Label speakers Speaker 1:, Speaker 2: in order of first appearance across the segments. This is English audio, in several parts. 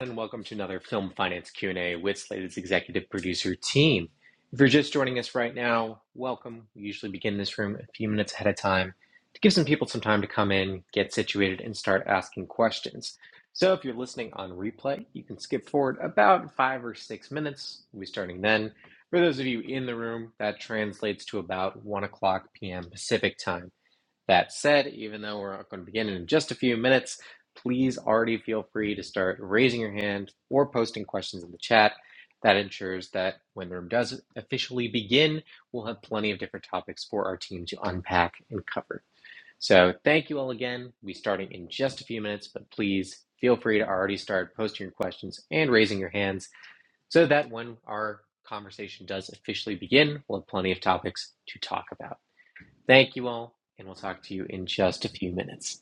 Speaker 1: and welcome to another Film Finance Q&A with Slated's executive producer team. If you're just joining us right now, welcome. We usually begin this room a few minutes ahead of time to give some people some time to come in, get situated, and start asking questions. So if you're listening on replay, you can skip forward about five or six minutes. We'll be starting then. For those of you in the room, that translates to about 1 o'clock p.m. Pacific time. That said, even though we're going to begin in just a few minutes, please already feel free to start raising your hand or posting questions in the chat. That ensures that when the room does officially begin, we'll have plenty of different topics for our team to unpack and cover. So, thank you all again. We'll be starting in just a few minutes, but please feel free to already start posting your questions and raising your hands so that when our conversation does officially begin, we'll have plenty of topics to talk about. Thank you all, and we'll talk to you in just a few minutes.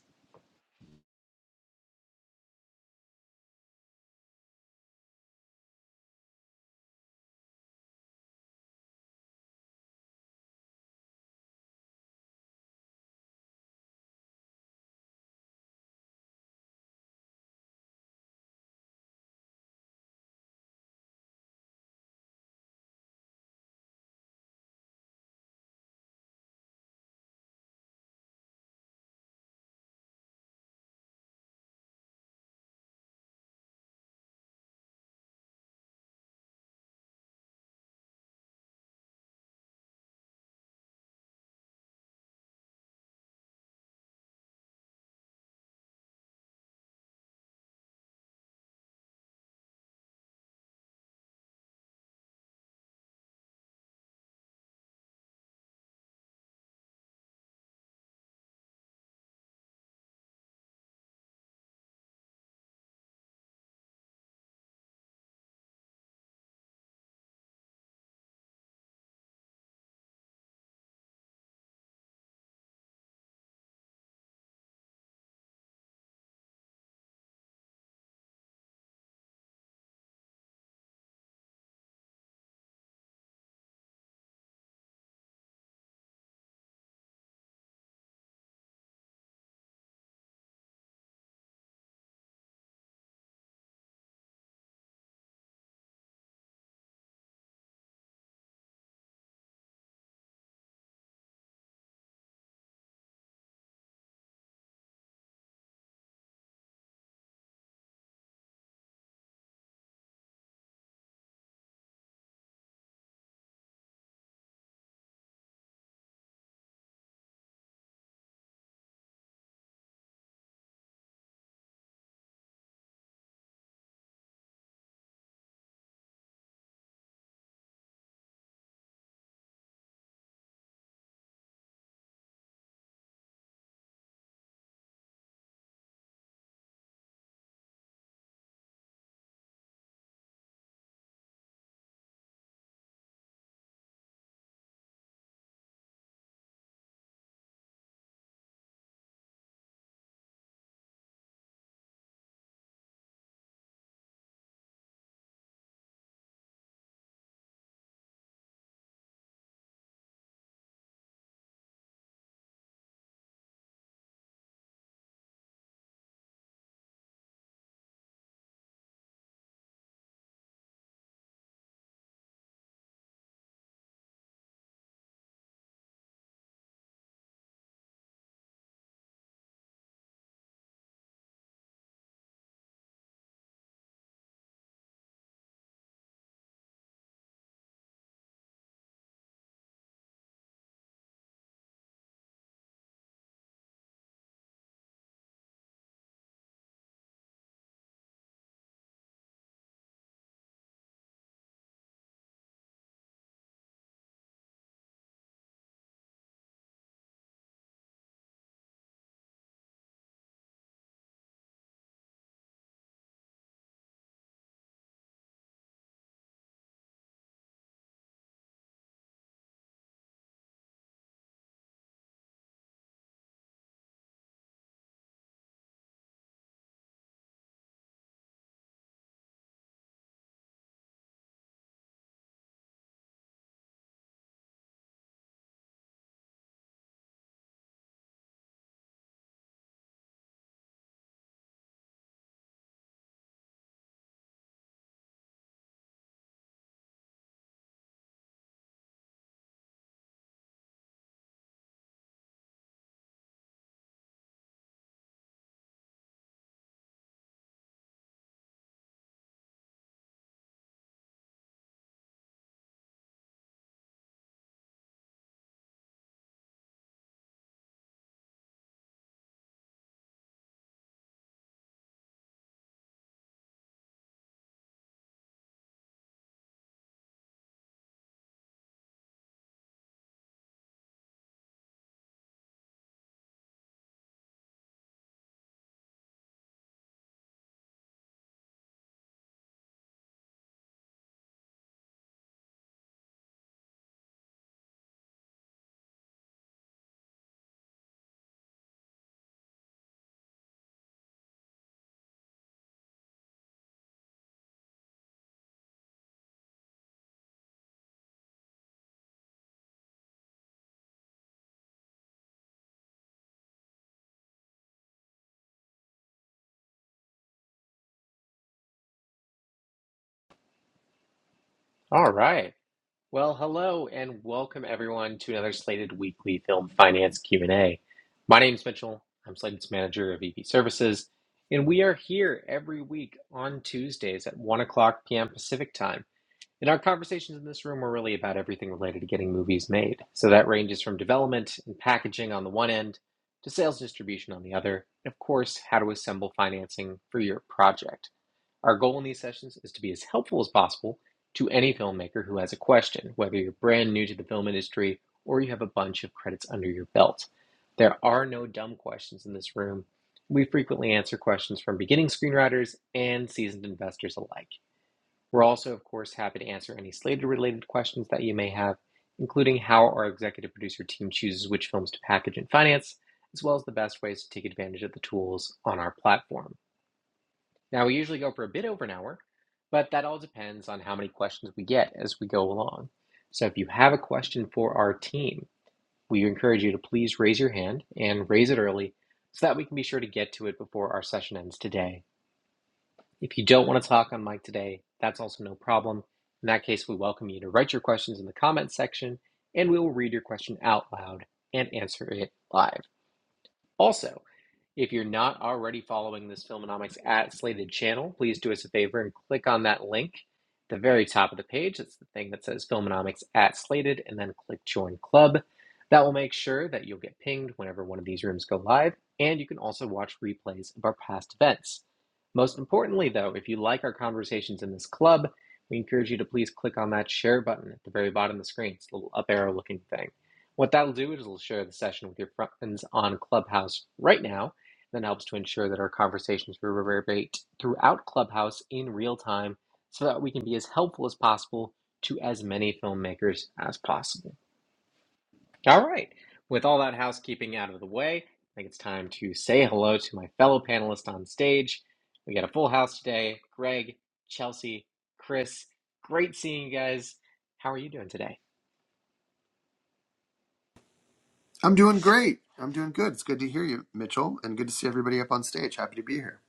Speaker 1: All right. Well, hello and welcome everyone to another Slated Weekly Film Finance Q&A. My name's Mitchell. I'm Slated's manager of EV Services, and we are here every week on Tuesdays at 1 o'clock p.m. Pacific Time. And our conversations in this room are really about everything related to getting movies made. So that ranges from development and packaging on the one end to sales distribution on the other, and of course, how to assemble financing for your project. Our goal in these sessions is to be as helpful as possible to any filmmaker who has a question, whether you're brand new to the film industry or you have a bunch of credits under your belt. There are no dumb questions in this room. We frequently answer questions from beginning screenwriters and seasoned investors alike. We're also, of course, happy to answer any Slater related questions that you may have, including how our executive producer team chooses which films to package and finance, as well as the best ways to take advantage of the tools on our platform. Now, we usually go for a bit over an hour, but that all depends on how many questions we get as we go along. So, if you have a question for our team, we encourage you to please raise your hand and raise it early so that we can be sure to get to it before our session ends today. If you don't want to talk on mic today, that's also no problem. In that case, we welcome you to write your questions in the comments section and we will read your question out loud and answer it live. Also, if you're not already following this Filmonomics at Slated channel, please do us a favor and click on that link at the very top of the page. It's the thing that says Filmonomics at Slated, and then click Join Club. That will make sure that you'll get pinged whenever one of these rooms go live, and you can also watch replays of our past events. Most importantly, though, if you like our conversations in this club, we encourage you to please click on that share button at the very bottom of the screen. It's a little up arrow looking thing. What that'll do is it'll share the session with your friends on Clubhouse right now then helps to ensure that our conversations reverberate throughout Clubhouse in real time so that we can be as helpful as possible to as many filmmakers as possible. All right, with all that housekeeping out of the way, I think it's time to say hello to my fellow panelists on stage. We got a full house today Greg, Chelsea, Chris. Great seeing you guys. How are you doing today?
Speaker 2: I'm doing great. I'm doing good. It's good to hear you, Mitchell, and good to see everybody up on stage. Happy to be here.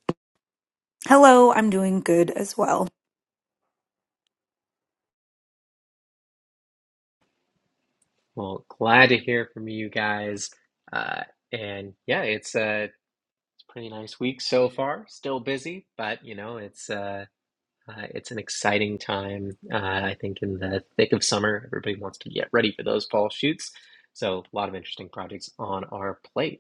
Speaker 3: Hello, I'm doing good as well.
Speaker 1: Well, glad to hear from you guys. Uh, and yeah, it's uh, Pretty nice week so far. Still busy, but you know, it's uh, uh it's an exciting time. Uh, I think in the thick of summer, everybody wants to get ready for those fall shoots. So a lot of interesting projects on our plate.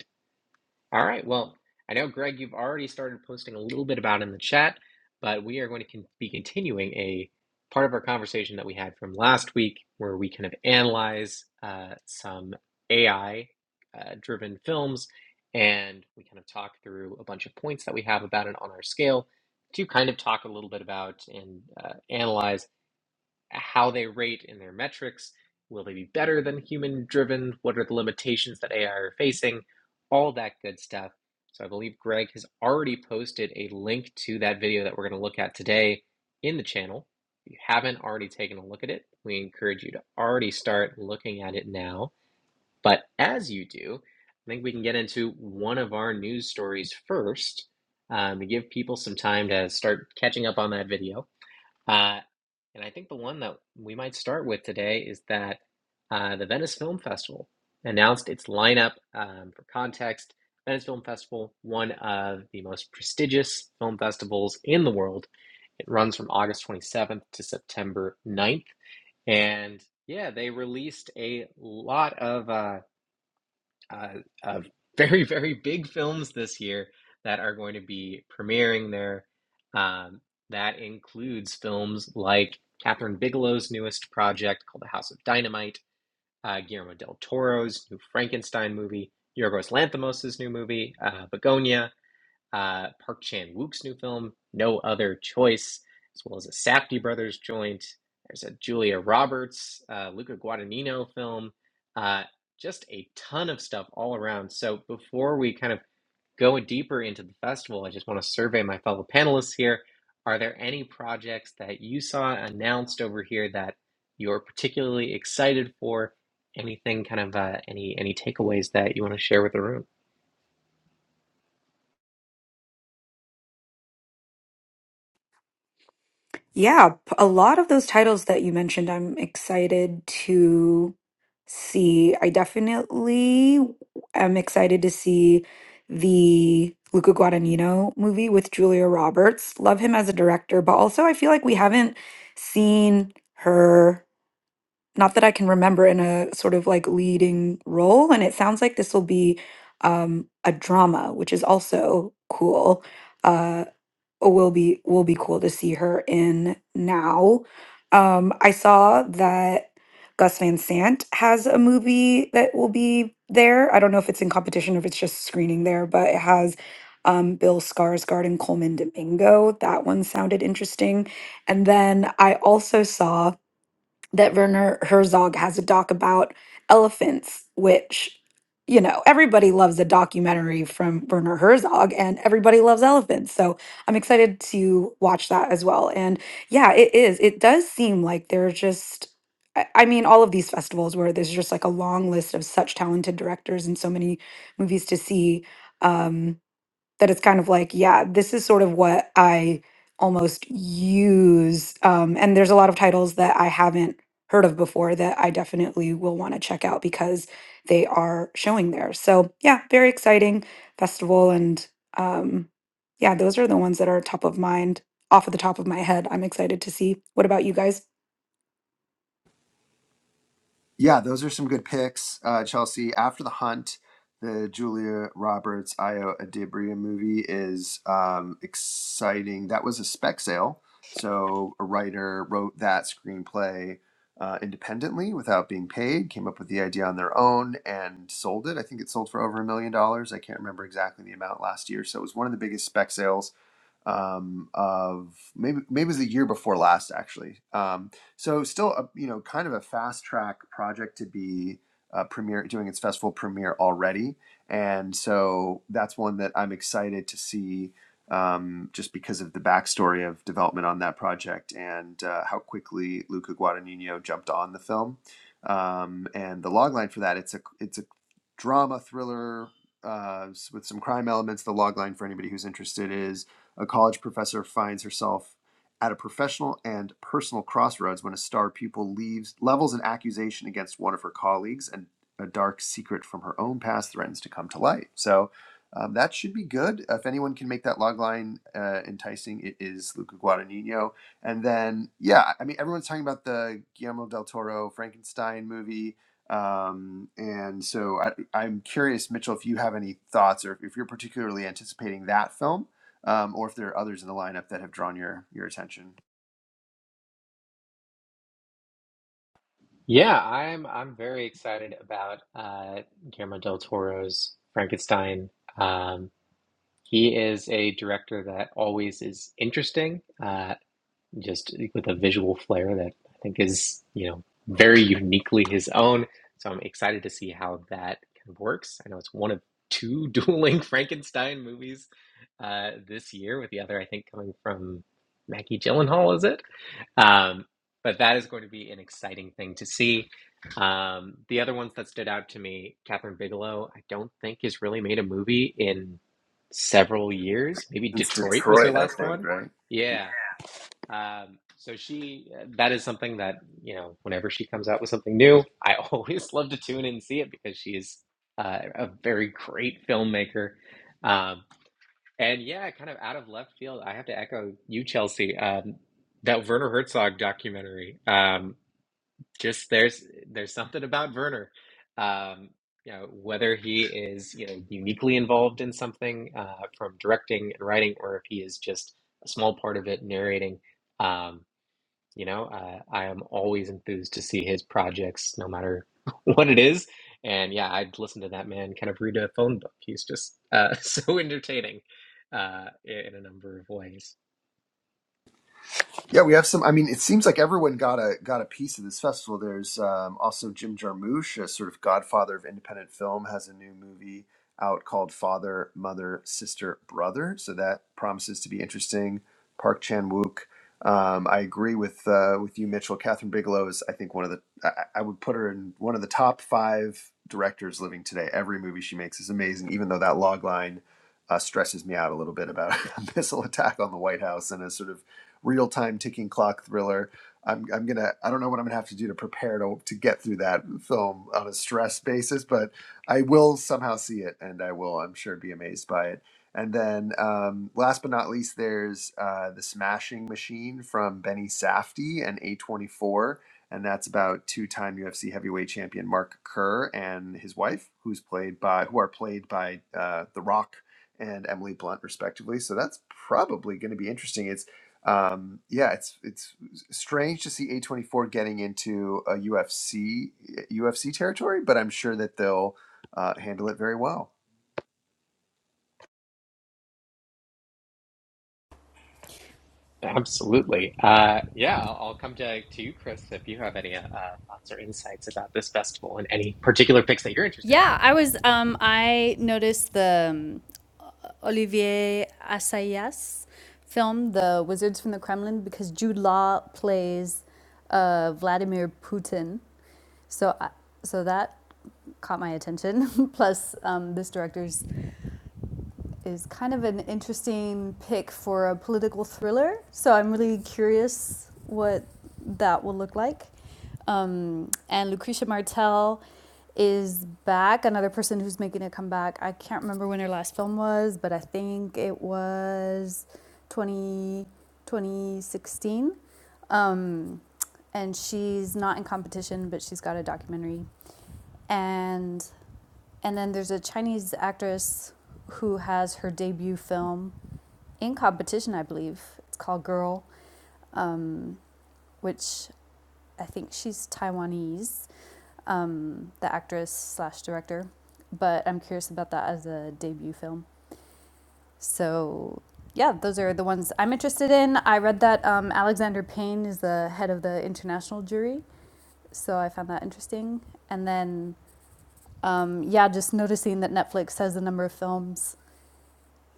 Speaker 1: All right. Well, I know, Greg, you've already started posting a little bit about it in the chat, but we are going to con be continuing a part of our conversation that we had from last week, where we kind of analyze uh, some AI uh, driven films and we kind of talk through a bunch of points that we have about it on our scale to kind of talk a little bit about and uh, analyze how they rate in their metrics. Will they be better than human driven? What are the limitations that AI are facing? All that good stuff. So I believe Greg has already posted a link to that video that we're going to look at today in the channel. If you haven't already taken a look at it, we encourage you to already start looking at it now. But as you do, I think we can get into one of our news stories first um, to give people some time to start catching up on that video. Uh, and I think the one that we might start with today is that uh, the Venice Film Festival announced its lineup. Um, for context, Venice Film Festival, one of the most prestigious film festivals in the world. It runs from August 27th to September 9th. And yeah, they released a lot of. uh, uh, of very, very big films this year that are going to be premiering there. Um, that includes films like Catherine Bigelow's newest project called The House of Dynamite, uh, Guillermo del Toro's new Frankenstein movie, Yorgos Lanthimos' new movie, uh, Begonia, uh, Park Chan Wook's new film, No Other Choice, as well as a Safdie Brothers joint. There's a Julia Roberts, uh, Luca Guadagnino film, uh, just a ton of stuff all around. So before we kind of go deeper into the festival, I just want to survey my fellow panelists here. Are there any projects that you saw announced over here that you're particularly excited for? Anything kind of uh, any any takeaways that you want to share with the room?
Speaker 3: Yeah, p- a lot of those titles that you mentioned, I'm excited to see. I definitely am excited to see the Luca Guadagnino movie with Julia Roberts. Love him as a director, but also I feel like we haven't seen her, not that I can remember, in a sort of like leading role. And it sounds like this will be um, a drama, which is also cool Uh, it will be will be cool to see her in now. Um, I saw that Gus Van Sant has a movie that will be there. I don't know if it's in competition or if it's just screening there, but it has um, Bill Skarsgård and Coleman Domingo. That one sounded interesting. And then I also saw that Werner Herzog has a doc about elephants, which, you know, everybody loves a documentary from Werner Herzog and everybody loves elephants. So I'm excited to watch that as well. And yeah, it is. It does seem like there's just, I I mean, all of these festivals where there's just like a long list of such talented directors and so many movies to see. Um, that it's kind of like, yeah, this is sort of what I almost use. Um, and there's a lot of titles that I haven't heard of before that I definitely will want to check out because they are showing there. So, yeah, very exciting festival. And um, yeah, those are the ones that are top of mind, off of the top of my head. I'm excited to see. What about you guys?
Speaker 2: Yeah, those are some good picks, uh, Chelsea. After the Hunt, the Julia Roberts Io Adibria movie is um, exciting. That was a spec sale, so a writer wrote that screenplay uh, independently without being paid. Came up with the idea on their own and sold it. I think it sold for over a million dollars. I can't remember exactly the amount last year. So it was one of the biggest spec sales um, of maybe maybe it was the year before last actually. Um, so still a, you know kind of a fast track project to be uh, premiere doing its festival premiere already, and so that's one that I'm excited to see um, just because of the backstory of development on that project and uh, how quickly Luca Guadagnino jumped on the film. Um, and the logline for that it's a it's a drama thriller uh, with some crime elements. The logline for anybody who's interested is a college professor finds herself at a professional and personal crossroads when a star pupil leaves levels an accusation against one of her colleagues and a dark secret from her own past threatens to come to light so um, that should be good if anyone can make that logline uh, enticing it is luca guadagnino and then yeah i mean everyone's talking about the guillermo del toro frankenstein movie um, and so I, i'm curious mitchell if you have any thoughts or if you're particularly anticipating that film um, or if there are others in the lineup that have drawn your your attention.
Speaker 1: Yeah, I'm I'm very excited about uh, Guillermo del Toro's Frankenstein. Um, he is a director that always is interesting. Uh, just with a visual flair that I think is, you know, very uniquely his own. So I'm excited to see how that kind of works. I know it's one of two dueling Frankenstein movies uh, this year, with the other, I think, coming from Maggie Gyllenhaal, is it? Um, but that is going to be an exciting thing to see. Um, the other ones that stood out to me, Catherine Bigelow, I don't think has really made a movie in several years. Maybe
Speaker 2: It's
Speaker 1: Detroit was her
Speaker 2: Detroit, I
Speaker 1: last
Speaker 2: think,
Speaker 1: one.
Speaker 2: right?
Speaker 1: Yeah. Um, so she, uh, that is something that, you know, whenever she comes out with something new, I always love to tune in and see it because she's uh, a very great filmmaker. Um, and yeah, kind of out of left field, I have to echo you, Chelsea. Um, that Werner Herzog documentary, um, just there's there's something about Werner. Um, you know, whether he is, you know, uniquely involved in something uh, from directing and writing, or if he is just a small part of it narrating. Um, you know, uh, I am always enthused to see his projects, no matter what it is. And yeah, I'd listen to that man kind of read a phone book. He's just uh, so entertaining uh, in a number of ways.
Speaker 2: Yeah, we have some. I mean, it seems like everyone got a got a piece of this festival. There's um, also Jim Jarmusch, a sort of godfather of independent film, has a new movie out called Father, Mother, Sister, Brother. So that promises to be interesting. Park Chan Wook. Um, I agree with uh, with you, Mitchell. Catherine Bigelow is, I think, one of the. I, I would put her in one of the top five directors living today. Every movie she makes is amazing, even though that log line uh, stresses me out a little bit about a missile attack on the White House and a sort of real time ticking clock thriller. I'm, I'm gonna I don't know what I'm gonna have to do to prepare to to get through that film on a stress basis, but I will somehow see it and I will I'm sure be amazed by it. And then um, last but not least, there's uh, the Smashing Machine from Benny Safdie and A24, and that's about two-time UFC heavyweight champion Mark Kerr and his wife, who's played by who are played by uh, The Rock and Emily Blunt respectively. So that's probably going to be interesting. It's um, yeah, it's it's strange to see A24 getting into a UFC UFC territory, but I'm sure that they'll uh, handle it very well.
Speaker 1: Absolutely. Uh, yeah, I'll I'll come to, to you, Chris, if you have any uh, uh, thoughts or insights about this festival and any particular picks that you're interested
Speaker 4: Yeah, I was. Um, I noticed the um, Olivier Assayas film, The Wizards from the Kremlin, because Jude Law plays uh, Vladimir Putin. So, I, so that caught my attention. Plus, um, this director's is kind of an interesting pick for a political thriller. So I'm really curious what that will look like. Um, and Lucretia Martel is back, another person who's making a comeback. I can't remember when her last film was, but I think it was 20, 2016. Um, and she's not in competition, but she's got a documentary. And and then there's a Chinese actress who has her debut film in competition, I believe. It's called Girl, um, which I think she's Taiwanese, um, the actress slash director. But I'm curious about that as a debut film. So yeah, those are the ones I'm interested in. I read that um, Alexander Payne is the head of the international jury, so I found that interesting. And then um, yeah, just noticing that Netflix has a number of films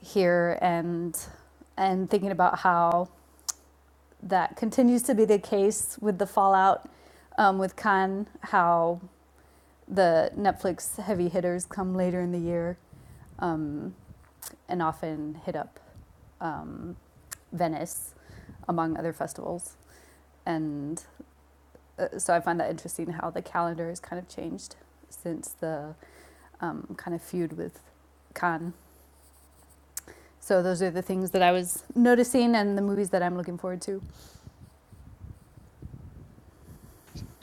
Speaker 4: here and and thinking about how that continues to be the case with the fallout um, with Cannes. how the Netflix heavy hitters come later in the year um, and often hit up um, Venice among other festivals. And uh, so I find that interesting how the calendar has kind of changed since the um, kind of feud with Cannes. So those are the things that I was noticing and the movies that I'm looking forward to.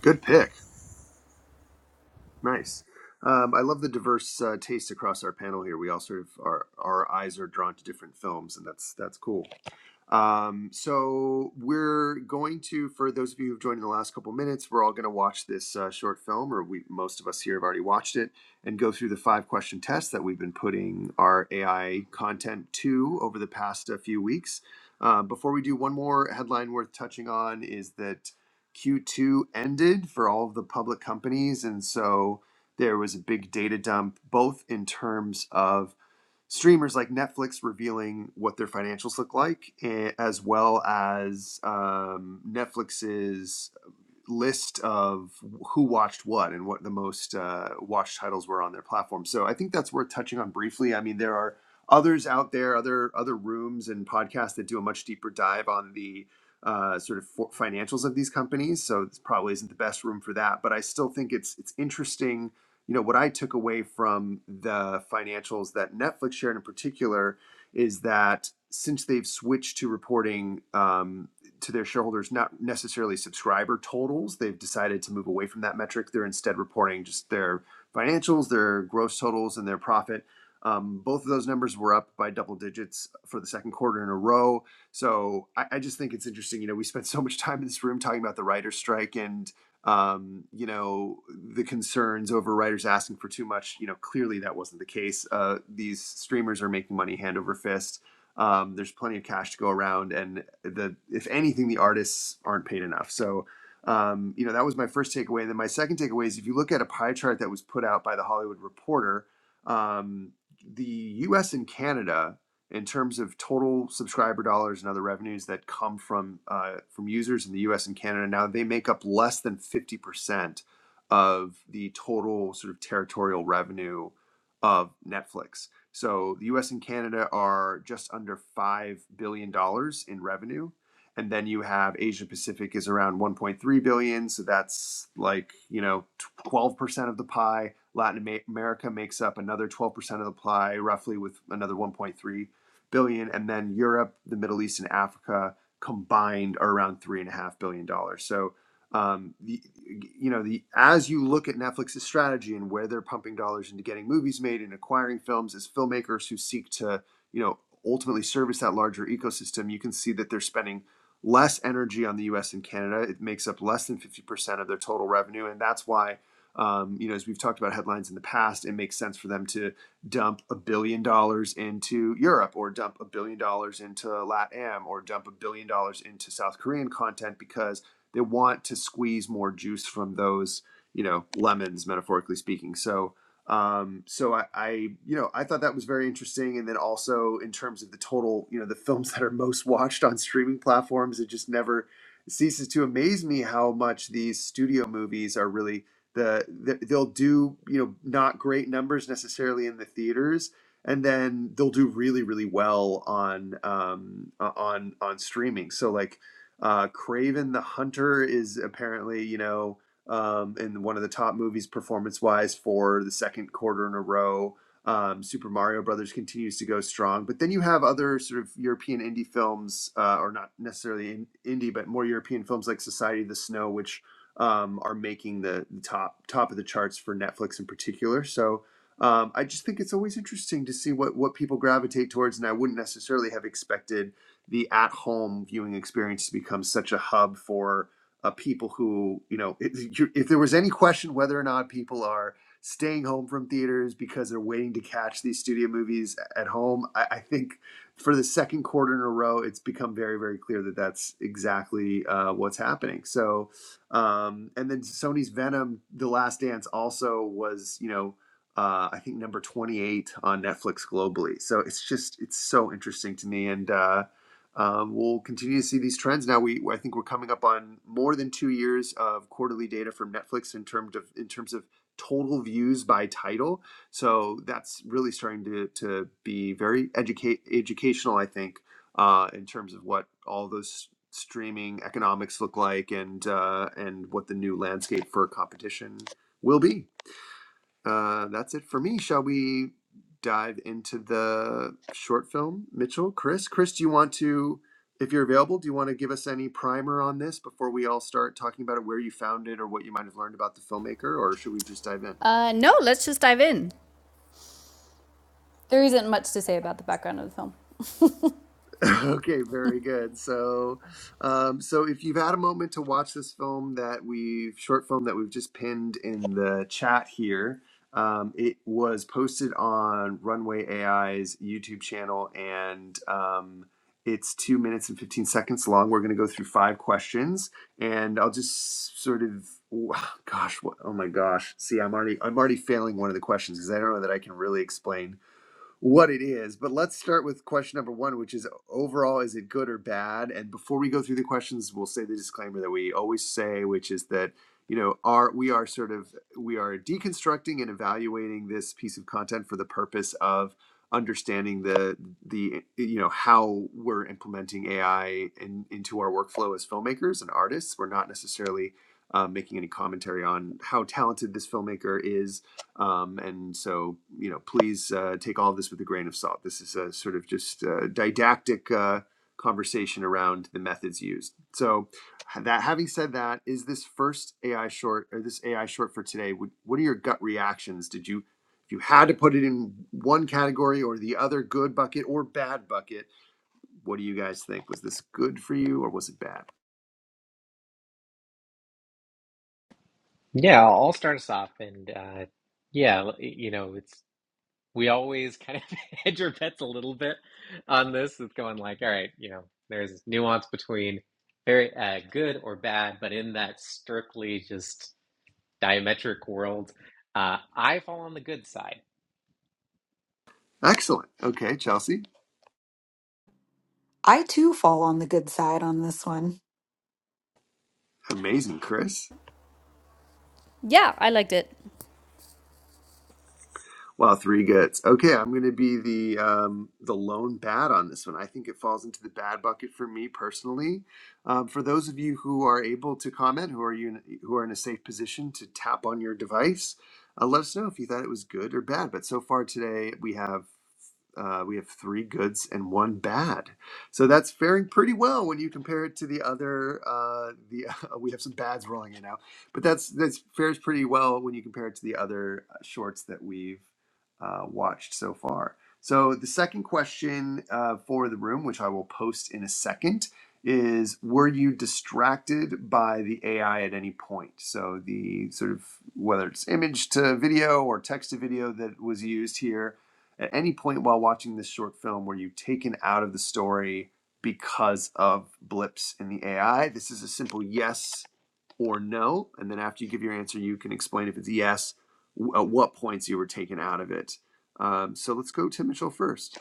Speaker 2: Good pick. Nice. Um, I love the diverse uh, taste across our panel here. We all sort of our our eyes are drawn to different films, and that's that's cool. Um, so we're going to, for those of you who've joined in the last couple minutes, we're all going to watch this uh, short film, or we most of us here have already watched it, and go through the five question test that we've been putting our AI content to over the past uh, few weeks. Uh, before we do, one more headline worth touching on is that Q2 ended for all of the public companies, and so there was a big data dump, both in terms of streamers like Netflix revealing what their financials look like, eh, as well as um, Netflix's list of who watched what and what the most uh, watched titles were on their platform. So I think that's worth touching on briefly. I mean, there are others out there, other other rooms and podcasts that do a much deeper dive on the uh, sort of for financials of these companies. So this probably isn't the best room for that, but I still think it's it's interesting. You know, what I took away from the financials that Netflix shared in particular is that since they've switched to reporting um, to their shareholders, not necessarily subscriber totals. They've decided to move away from that metric. They're instead reporting just their financials, their gross totals, and their profit. Um, both of those numbers were up by double digits for the second quarter in a row. So I, I just think it's interesting. You know, we spent so much time in this room talking about the writer's strike and, um, you know, the concerns over writers asking for too much. You know, clearly that wasn't the case. Uh, these streamers are making money hand over fist um, there's plenty of cash to go around, and the if anything, the artists aren't paid enough. So, um, you know, that was my first takeaway. And then my second takeaway is if you look at a pie chart that was put out by the Hollywood Reporter, um, the U.S. and Canada, in terms of total subscriber dollars and other revenues that come from uh, from users in the U.S. and Canada, now they make up less than fifty percent of the total sort of territorial revenue of Netflix. So the US and Canada are just under $5 billion dollars in revenue. And then you have Asia Pacific is around 1.3 billion. So that's like, you know, 12% of the pie. Latin Ama- America makes up another 12% of the pie, roughly with another 1.3 billion. And then Europe, the Middle East, and Africa combined are around $3.5 billion. dollars. So um, the, you know the as you look at Netflix's strategy and where they're pumping dollars into getting movies made and acquiring films as filmmakers who seek to you know ultimately service that larger ecosystem, you can see that they're spending less energy on the U.S. and Canada. It makes up less than fifty percent of their total revenue, and that's why. Um, you know, as we've talked about headlines in the past, it makes sense for them to dump a billion dollars into Europe or dump a billion dollars into LATAM or dump a billion dollars into South Korean content because they want to squeeze more juice from those you know lemons metaphorically speaking so um so I, I you know i thought that was very interesting and then also in terms of the total you know the films that are most watched on streaming platforms it just never ceases to amaze me how much these studio movies are really the, the they'll do you know not great numbers necessarily in the theaters and then they'll do really really well on um on on streaming so like uh, Craven the Hunter is apparently, you know, um, in one of the top movies performance wise for the second quarter in a row. Um, Super Mario Brothers continues to go strong, but then you have other sort of European indie films, uh, or not necessarily in, indie, but more European films like Society of the Snow, which um, are making the, the top top of the charts for Netflix in particular. So um, I just think it's always interesting to see what what people gravitate towards, and I wouldn't necessarily have expected the at home viewing experience has become such a hub for uh, people who, you know, if, if there was any question whether or not people are staying home from theaters because they're waiting to catch these studio movies at home, I, I think for the second quarter in a row, it's become very, very clear that that's exactly uh, what's happening. So, um, and then Sony's Venom, The Last Dance, also was, you know, uh, I think number 28 on Netflix globally. So it's just, it's so interesting to me. And, uh, um, we'll continue to see these trends. Now, we I think we're coming up on more than two years of quarterly data from Netflix in terms of in terms of total views by title. So that's really starting to to be very educate educational. I think uh, in terms of what all those streaming economics look like and uh, and what the new landscape for competition will be. Uh, that's it for me. Shall we dive into the short film, Mitchell? Chris? Chris, do you want to, if you're available, do you want to give us any primer on this before we all start talking about it, where you found it or what you might have learned about the filmmaker, or should we just dive in?
Speaker 4: Uh, no, let's just dive in. There isn't much to say about the background of the film.
Speaker 2: Okay, very good. So, um, so if you've had a moment to watch this film that we've short film that we've just pinned in the chat here, um, it was posted on Runway AI's YouTube channel, and um, it's two minutes and fifteen seconds long. We're going to go through five questions, and I'll just sort of, oh, gosh, what, oh my gosh, see, I'm already I'm already failing one of the questions because I don't know that I can really explain what it is. But let's start with question number one, which is overall, is it good or bad? And before we go through the questions, we'll say the disclaimer that we always say, which is that you know are we are sort of we are deconstructing and evaluating this piece of content for the purpose of understanding the the you know how we're implementing AI in, into our workflow as filmmakers and artists. We're not necessarily um, making any commentary on how talented this filmmaker is um, and so, you know, please uh, take all of this with a grain of salt. This is a sort of just uh didactic uh, conversation around the methods used. So, that having said that, is this first AI short or this AI short for today? Would, what are your gut reactions? Did you, if you had to put it in one category or the other, good bucket or bad bucket? What do you guys think? Was this good for you or was it bad?
Speaker 1: in. Yeah, I'll I'll start us off. And uh, yeah, you know, it's. we always kind of hedge our bets a little bit on this. It's going like, all right, you know, there's this nuance between very uh, good or bad, but in that strictly just diametric world, uh, I fall on the good side.
Speaker 2: Excellent. Okay, Chelsea.
Speaker 3: I too fall on the good side on this one.
Speaker 2: Amazing, Chris.
Speaker 4: Yeah, I liked it.
Speaker 2: Wow, three goods. Okay, I'm going to be the um, the lone bad on this one. I think it falls into the bad bucket for me personally. Um, for those of you who are able to comment, who are you who are in a safe position to tap on your device, uh, let us know if you thought it was good or bad. But so far today, we have uh, we have three goods and one bad. So that's faring pretty well when you compare it to the other. Uh, the uh, we have some bads rolling in now, but that's that's fares pretty well when you compare it to the other uh, shorts that we've uh, watched so far. So the second question uh, for the room, which I will post in a second, is: Were you distracted by the AI at any point? So the sort of whether it's image to video or text to video that was used here at any point while watching this short film were you taken out of the story because of blips in the AI? This is a simple yes or no. And then after you give your answer, you can explain if it's yes, w- at what points you were taken out of it. Um, so let's go to Mitchell first.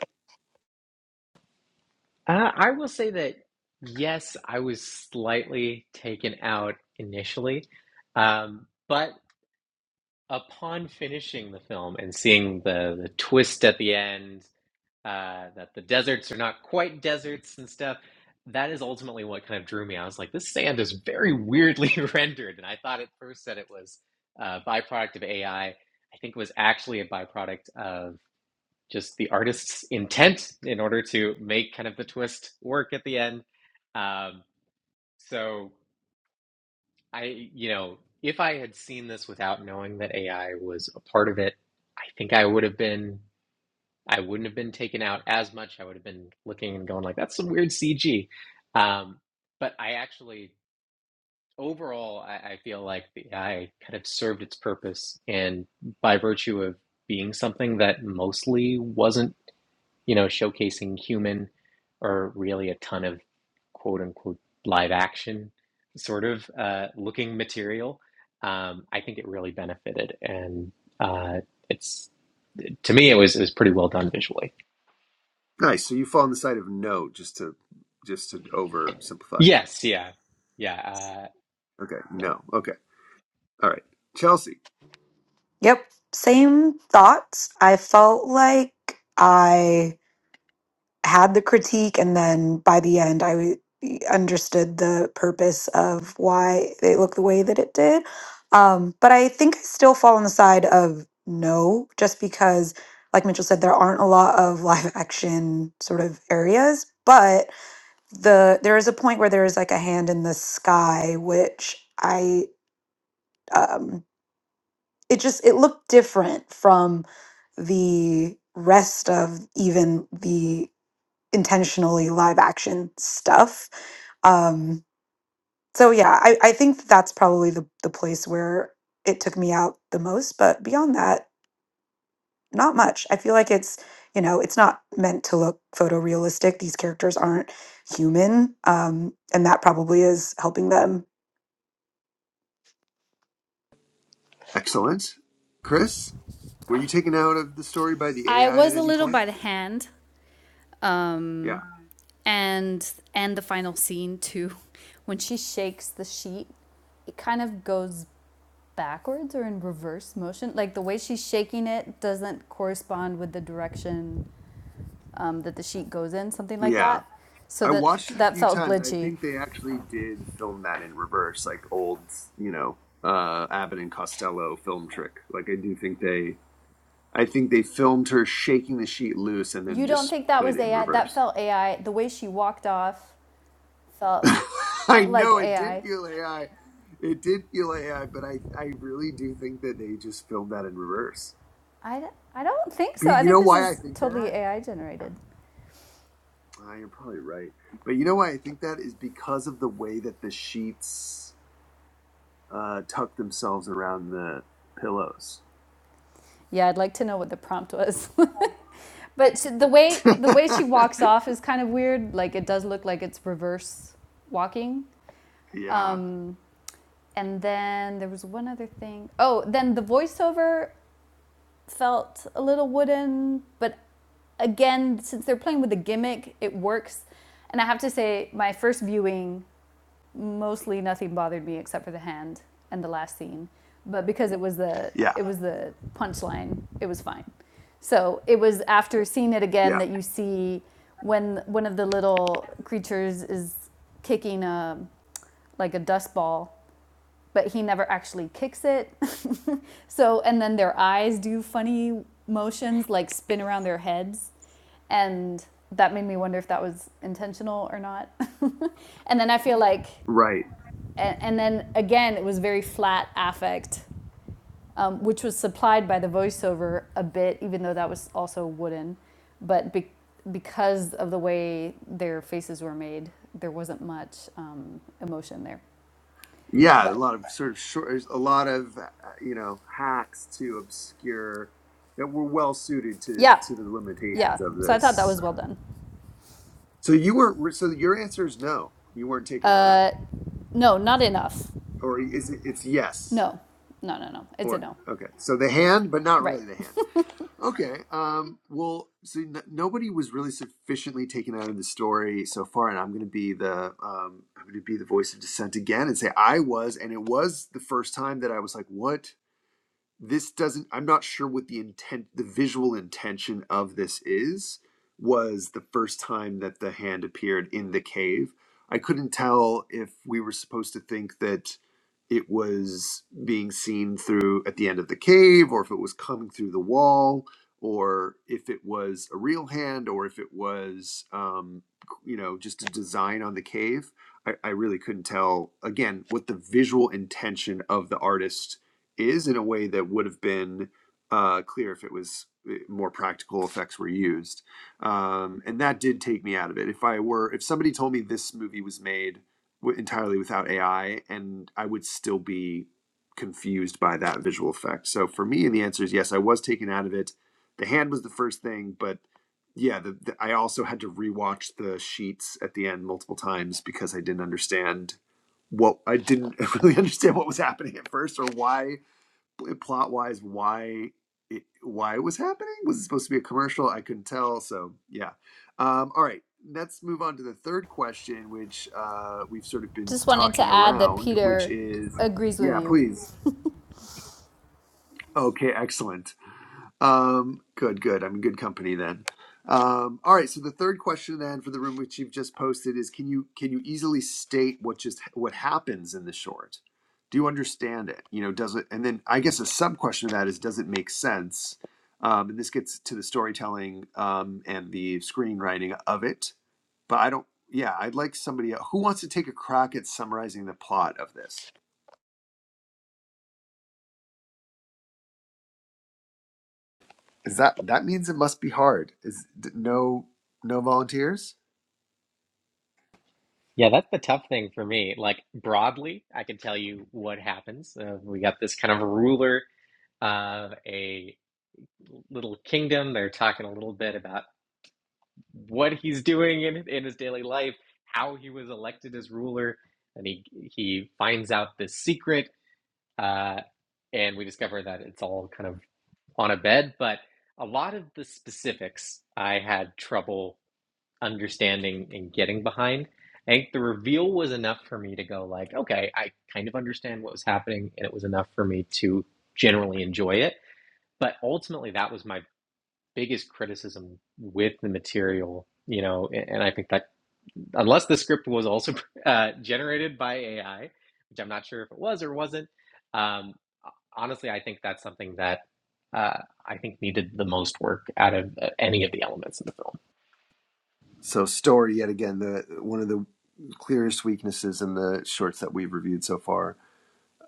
Speaker 1: Uh, I will say that yes, I was slightly taken out initially, um, but upon finishing the film and seeing the the twist at the end uh, that the deserts are not quite deserts and stuff. That is ultimately what kind of drew me. I was like, this sand is very weirdly rendered, and I thought at first that it was a byproduct of AI. I I think it was actually a byproduct of just the artist's intent in order to make kind of the twist work at the end. Um, so I, you know, if I had seen this without knowing that AI was a part of it, I think I would have been. I wouldn't have been taken out as much. I would have been looking and going like, "That's some weird CG." Um, but I actually, overall, I, I feel like the AI kind of served its purpose, and by virtue of being something that mostly wasn't, you know, showcasing human or really a ton of quote unquote live action sort of uh, looking material, um, I think it really benefited, and uh, it's to me, it was it was pretty well done visually.
Speaker 2: Nice. So you fall on the side of no, just to just to oversimplify.
Speaker 1: Yes, yeah. Yeah, uh
Speaker 2: Okay.
Speaker 1: yeah.
Speaker 2: No. Okay. All right. Chelsea.
Speaker 3: Yep, same thoughts. I felt like. I. had the critique and then by the end I w- understood the purpose of why it looked the way that it did. Um, but I think I still fall on the side of no, just because, like Mitchell said, there aren't a lot of live action sort of areas. But the there is a point where there is like a hand in the sky, which I um, it just it looked different from the rest of even the intentionally live action stuff. Um, so yeah, I, I think that's probably the, the place where it took me out the most. But beyond that, not much. I feel like it's, you know, it's not meant to look photorealistic. These characters aren't human. Um, and that probably is helping them.
Speaker 2: Excellent. Chris, were you taken out of the story by the
Speaker 4: I
Speaker 2: AI at
Speaker 4: was a
Speaker 2: any
Speaker 4: little
Speaker 2: point?
Speaker 4: by the hand,
Speaker 2: Yeah.
Speaker 4: um, and and the final scene too, when she shakes the sheet, it kind of goes backwards or in reverse motion. Like the way she's shaking it doesn't correspond with the direction um, that the sheet goes in, something like
Speaker 2: Yeah.
Speaker 4: that. So
Speaker 2: I
Speaker 4: that
Speaker 2: watched it a
Speaker 4: that
Speaker 2: few
Speaker 4: felt
Speaker 2: times. I
Speaker 4: glitchy.
Speaker 2: think they actually did film that in reverse, like old, you know, uh, Abbott and Costello film trick. Like I do think they, I think they filmed her shaking the sheet loose and then
Speaker 4: You don't
Speaker 2: just
Speaker 4: think that
Speaker 2: played
Speaker 4: was
Speaker 2: it in
Speaker 4: AI? That
Speaker 2: reverse.
Speaker 4: felt AI. The way she walked off felt
Speaker 2: I
Speaker 4: like
Speaker 2: know it did
Speaker 4: AI.
Speaker 2: feel AI. It did feel AI, but I, I really do think that they just filmed that in reverse.
Speaker 4: I, I I don't think so.
Speaker 2: Be,
Speaker 4: I
Speaker 2: you
Speaker 4: think
Speaker 2: know
Speaker 4: this
Speaker 2: why I
Speaker 4: is
Speaker 2: think
Speaker 4: totally
Speaker 2: that?
Speaker 4: AI generated.
Speaker 2: Ah, you're probably right. But you know why I think that is because of the way that the sheets uh, tuck themselves around the pillows.
Speaker 4: Yeah, I'd like to know what the prompt was. but she- the way the way she walks off is kind of weird. Like it does look like it's reverse walking.
Speaker 2: yeah,
Speaker 4: Um, and then there was one other thing. Oh, then the voiceover felt a little wooden, but again, since they're playing with the gimmick, it works. And I have to say, my first viewing, mostly nothing bothered me except for the hand and the last scene. But because it was the
Speaker 2: yeah,
Speaker 4: it was the punchline, it was fine. So it was after seeing it again
Speaker 2: yeah.
Speaker 4: that you see when one of the little creatures is kicking a like a dust ball, but he never actually kicks it. So and then their eyes do funny motions like spin around their heads and that made me wonder if that was intentional or not. And then I feel like
Speaker 2: Right.
Speaker 4: and, and then again, it was very flat affect, um, which was supplied by the voiceover a bit, even though that was also wooden. But be- because of the way their faces were made, there wasn't much um, emotion there.
Speaker 2: Yeah, a
Speaker 4: But
Speaker 2: lot of sort of short, a lot of uh, you know hacks to obscure that were well suited to
Speaker 4: yeah,
Speaker 2: to the limitations
Speaker 4: yeah.
Speaker 2: yeah. of
Speaker 4: So I thought that
Speaker 2: this.
Speaker 4: was well done.
Speaker 2: So you weren't. So your answer is no. You weren't taken out of it,
Speaker 4: Uh, no, not enough.
Speaker 2: or is it? It's yes.
Speaker 4: No, no, no, no. It's a
Speaker 2: Or
Speaker 4: no.
Speaker 2: okay. So the hand, but not
Speaker 4: Right.
Speaker 2: really the hand. Okay. Um, well, so n- nobody was really sufficiently taken out of the story so far, and I'm going to be the um, I'm going to be the voice of dissent again and say I was, and it was the first time that I was like, "What? this doesn't i'm not sure what the intent the visual intention of this is was the first time that the hand appeared in the cave i couldn't tell if we were supposed to think that it was being seen through at the end of the cave or if it was coming through the wall or if it was a real hand or if it was um, you know just a design on the cave I, I really couldn't tell again what the visual intention of the artist is in a way that would have been uh, clear if it was eh, more practical effects were used. Um, and that did take me out of it. If I were, if somebody told me this movie was made w- entirely without AI, and I would still be confused by that visual effect. So for me, the answer is yes. I was taken out of it. The hand was the first thing, but yeah, the, the, I also had to rewatch the sheets at the end multiple times because I didn't understand what I didn't really understand what was happening at first or why plot wise why it why it was happening. Was it supposed to be a commercial? I couldn't tell. So yeah. Um, all right. Let's move on to the third question, which uh, we've sort of been
Speaker 4: Just wanted
Speaker 2: talking
Speaker 4: to add that
Speaker 2: around, which
Speaker 4: Peter
Speaker 2: is
Speaker 4: agrees with
Speaker 2: yeah,
Speaker 4: you.
Speaker 2: please. Okay, excellent. Um, good, good. I'm in good company then. Um, all right. So the third question then for the room, which you've just posted, is can you can you easily state what just what happens in the short? Do you understand it? You know, does it? And then I guess a sub question of that is, does it make sense? Um, and this gets to the storytelling um, and the screenwriting of it. But I don't. Yeah, I'd like somebody who wants to take a crack at summarizing the plot of this. Is that that means it must be hard? Is no no volunteers?
Speaker 1: Yeah, that's the tough thing for me. Like broadly, I can tell you what happens. Uh, we got this kind of ruler of a little kingdom. They're talking a little bit about what he's doing in in his daily life, how he was elected as ruler, and he he finds out this secret uh and we discover that it's all kind of on a bed, but a lot of the specifics I had trouble understanding and getting behind. I think the reveal was enough for me to go like, okay, I kind of understand what was happening, and it was enough for me to generally enjoy it. But ultimately, that was my biggest criticism with the material, you know, and I think that unless the script was also uh, generated by AI, which I'm not sure if it was or wasn't. Um, honestly, I think that's something that uh, I think needed the most work out of uh, any of the elements of the film.
Speaker 2: So story yet again the one of the clearest weaknesses in the shorts that we've reviewed so far.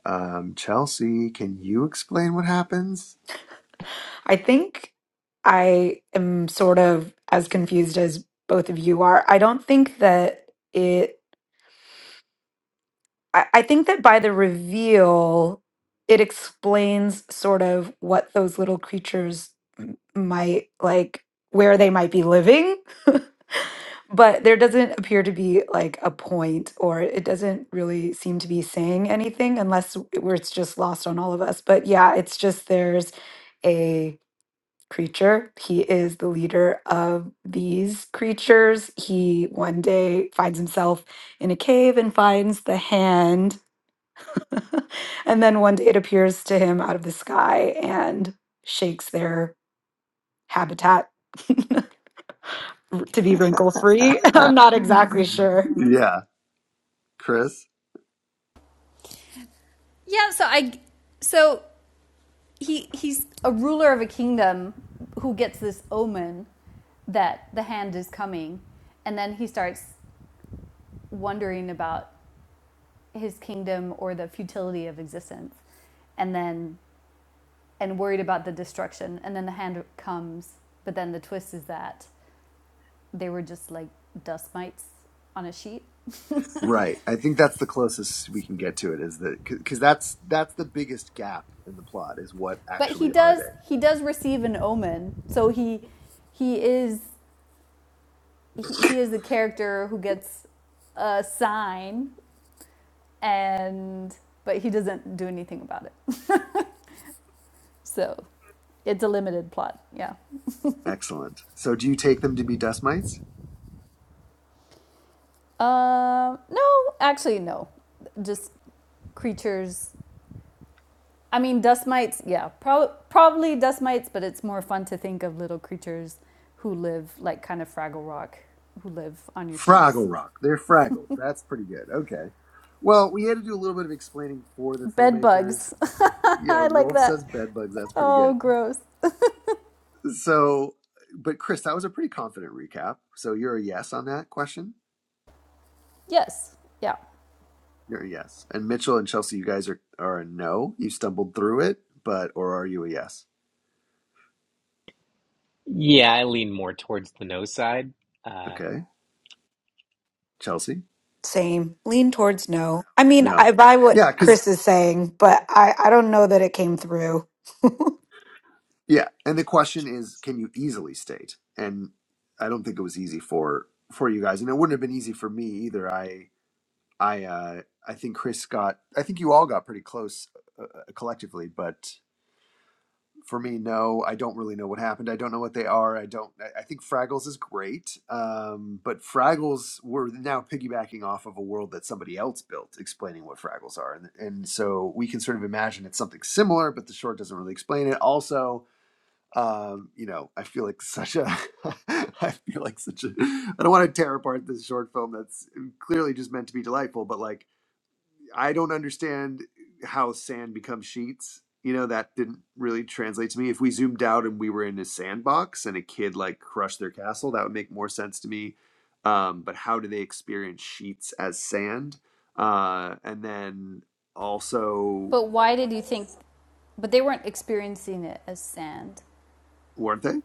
Speaker 2: Um, Chelsea, can you explain what happens?
Speaker 3: I think I am sort of as confused as both of you are. I don't think that it. I, I think that by the reveal, it explains sort of what those little creatures m- might like, where they might be living. but there doesn't appear to be like a point, or it doesn't really seem to be saying anything unless w- where it's just lost on all of us. But yeah, it's just there's a creature. He is the leader of these creatures. He one day finds himself in a cave and finds the hand and then one day it appears to him out of the sky and shakes their habitat to be wrinkle free. I'm not exactly sure.
Speaker 2: Yeah, Chris.
Speaker 4: Yeah, so I so he he's a ruler of a kingdom who gets this omen that the hand is coming and then he starts wondering about his kingdom or the futility of existence and then and worried about the destruction and then the hand comes but then the twist is that they were just like dust mites on a sheet
Speaker 2: Right. I think that's the closest we can get to it is that because that's that's the biggest gap in the plot is what
Speaker 4: but he
Speaker 2: actually are
Speaker 4: does he does receive an omen so he he is he,
Speaker 2: they?
Speaker 4: he is the character who gets a sign and but he doesn't do anything about it. So it's a limited plot. Yeah.
Speaker 2: Excellent. So do you take them to be dust mites?
Speaker 4: Um. no, actually, no. Just creatures. I mean, dust mites. Yeah, prob probably dust mites, but it's more fun to think of little creatures who live like kind of Fraggle Rock, who live on your sheets.
Speaker 2: Fraggle Rock. They're Fraggles. That's pretty good. Okay. Well, we had to do a little bit of explaining for the
Speaker 4: Bed
Speaker 2: filmmakers.
Speaker 4: bugs.
Speaker 2: Yeah,
Speaker 4: I like
Speaker 2: Rolf says
Speaker 4: that.
Speaker 2: bed bugs. That's pretty
Speaker 4: Oh,
Speaker 2: good.
Speaker 4: gross.
Speaker 2: So, but Chris, that was a pretty confident recap. So you're a yes on that question.
Speaker 4: Yes. Yeah.
Speaker 2: You're a yes. And Mitchell and Chelsea, you guys are are a no. You stumbled through it, but or are you a yes?
Speaker 1: Yeah, I lean more towards the no side. Uh,
Speaker 2: Okay, Chelsea.
Speaker 3: Same. Lean towards no. I mean,
Speaker 2: No.
Speaker 3: I buy what
Speaker 2: Yeah, because
Speaker 3: Chris is saying, but I, I don't know that it came through.
Speaker 2: Yeah, and the question is, can you easily state? And I don't think it was easy for for you guys, and it wouldn't have been easy for me either. I I uh, I think Chris got, I think you all got pretty close uh, uh, collectively, but for me, no, I don't really know what happened. I don't know what they are. I don't. I I think Fraggles is great, um, but Fraggles we're now piggybacking off of a world that somebody else built, explaining what Fraggles are, and and so we can sort of imagine it's something similar, but the short doesn't really explain it. Also um, you know, I feel like such a, I feel like such a, I don't want to tear apart this short film that's clearly just meant to be delightful, but like, I don't understand how sand becomes sheets. You know, that didn't really translate to me. If we zoomed out and we were in a sandbox and a kid like crushed their castle, that would make more sense to me. Um, but how do they experience sheets as sand? Uh, and then also,
Speaker 4: But why did you think? But they weren't experiencing it as sand.
Speaker 2: weren't they?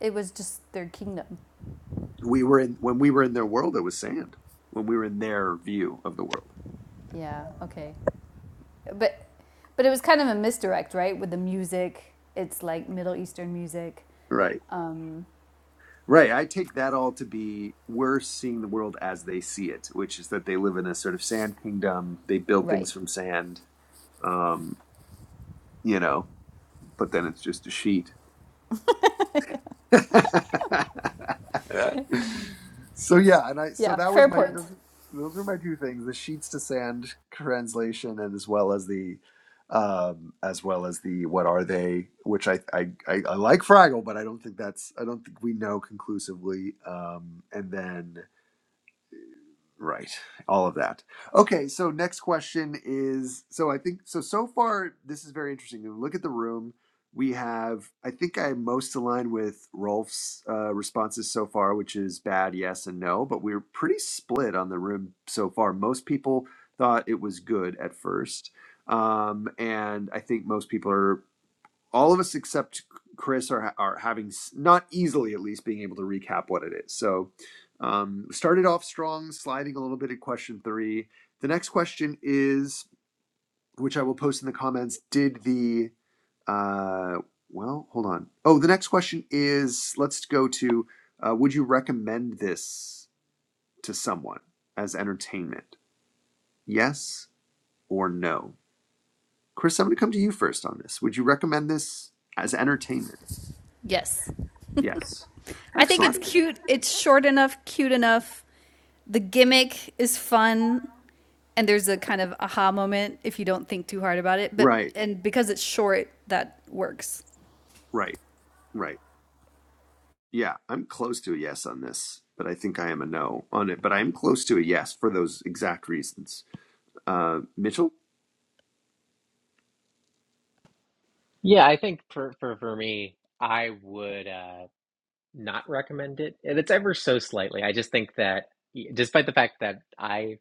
Speaker 4: It was just their kingdom.
Speaker 2: we were in when we were in their world it was sand when we were in their view of the world
Speaker 4: Yeah, okay. But but it was kind of a misdirect, right? With the music, it's like Middle Eastern music.
Speaker 2: right
Speaker 4: Um,
Speaker 2: right i take that all to be we're seeing the world as they see it which is that they live in a sort of sand kingdom they build things
Speaker 4: right.
Speaker 2: from sand um you know but then it's just a sheet so yeah, and I so
Speaker 4: Yeah,
Speaker 2: that was
Speaker 4: fair
Speaker 2: my
Speaker 4: point.
Speaker 2: those, those were my two things: the sheets to sand translation, and as well as the um as well as the what are they which I, I i i like fraggle but i don't think that's i don't think we know conclusively um and then Right. All of that. Okay. So next question is so I think so so far this is very interesting. If you Look at the room. We have I think I'm most aligned with Rolf's uh, responses so far, which is bad, yes, and no. But we're pretty split on the room so far. Most people thought it was good at first, um, and I think most people are all of us except Chris are are having not easily at least being able to recap what it is. So um, started off strong, sliding a little bit at question three. The next question is, which I will post in the comments. Did the uh, well, hold on. Oh, the next question is, let's go to, uh, would you recommend this to someone as entertainment? Yes or no? Chris, I'm going to come to you first on this. Would you recommend this as entertainment?
Speaker 4: Yes.
Speaker 2: Yes.
Speaker 4: I think
Speaker 2: Excellent.
Speaker 4: it's cute. It's short enough, cute enough. The gimmick is fun and there's a kind of aha moment if you don't think too hard about it, but
Speaker 2: Right,
Speaker 4: and because it's short, that works.
Speaker 2: right, right. Yeah, I'm close to a yes on this, but I think I am a no on it. But I'm close to a yes for those exact reasons. Uh, Mitchell,
Speaker 1: Yeah, I think for for for me, I would uh not recommend it. And it's ever so slightly. I just think that y- despite the fact that I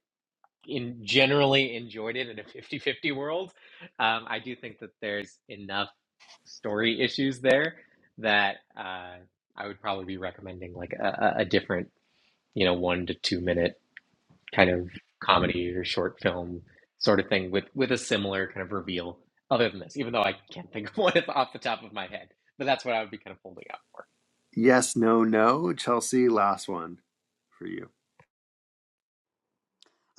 Speaker 1: in generally enjoyed it in a fifty-fifty world, um, I do think that there's enough story issues there that uh I would probably be recommending like a, a a different, you know, one to two minute kind of comedy or short film sort of thing with with a similar kind of reveal other than this even though i can't think of one off the top of my head but that's what i would be kind of holding out for
Speaker 2: yes, no, no. Chelsea, last one for you.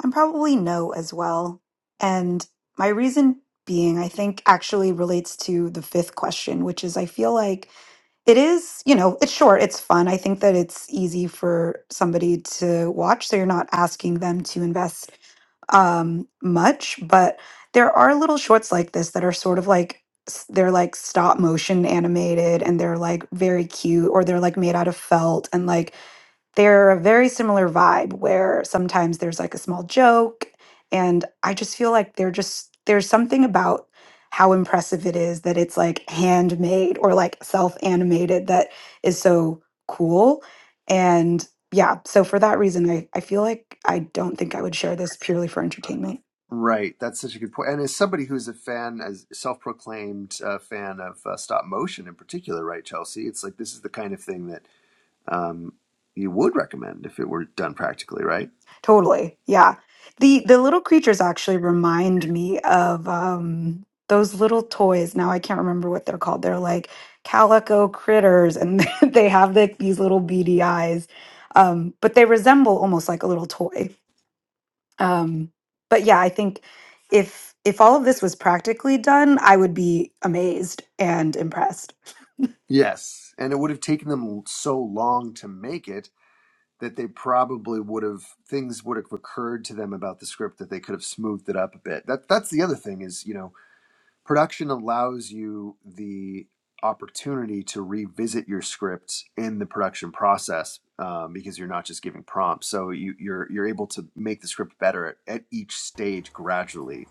Speaker 3: I'm probably no as well. And my reason being, I think, actually relates to the fifth question, which is I feel like It is, you know, it's short, it's fun. I think that it's easy for somebody to watch, so you're not asking them to invest um, much. But there are little shorts like this that are sort of like s- they're like stop motion animated and they're like very cute or they're like made out of felt and like they're a very similar vibe where sometimes there's like a small joke and i just feel like they're just there's something about how impressive it is that it's like handmade or like self animated that is so cool and yeah so for that reason I, I feel like i don't think i would share this purely for entertainment
Speaker 2: Right, that's such a good point. And as somebody who's a fan, as self-proclaimed uh, fan of uh, stop motion in particular, right, Chelsea? It's like this is the kind of thing that um, you would recommend if it were done practically, right?
Speaker 3: Totally. Yeah. The the little creatures actually remind me of um those little toys. Now I can't remember what they're called. They're like calico critters and they have like these little beady eyes. Um, but they resemble almost like a little toy. Um, but yeah, I think if if all of this was practically done, I would be amazed and impressed.
Speaker 2: Yes, and it would have taken them so long to make it that they probably would have things would have occurred to them about the script that they could have smoothed it up a bit. That that's the other thing is, you know, production allows you the opportunity to revisit your scripts in the production process um, because you're not just giving prompts. So you, you're you're able to make the script better at, at each stage gradually.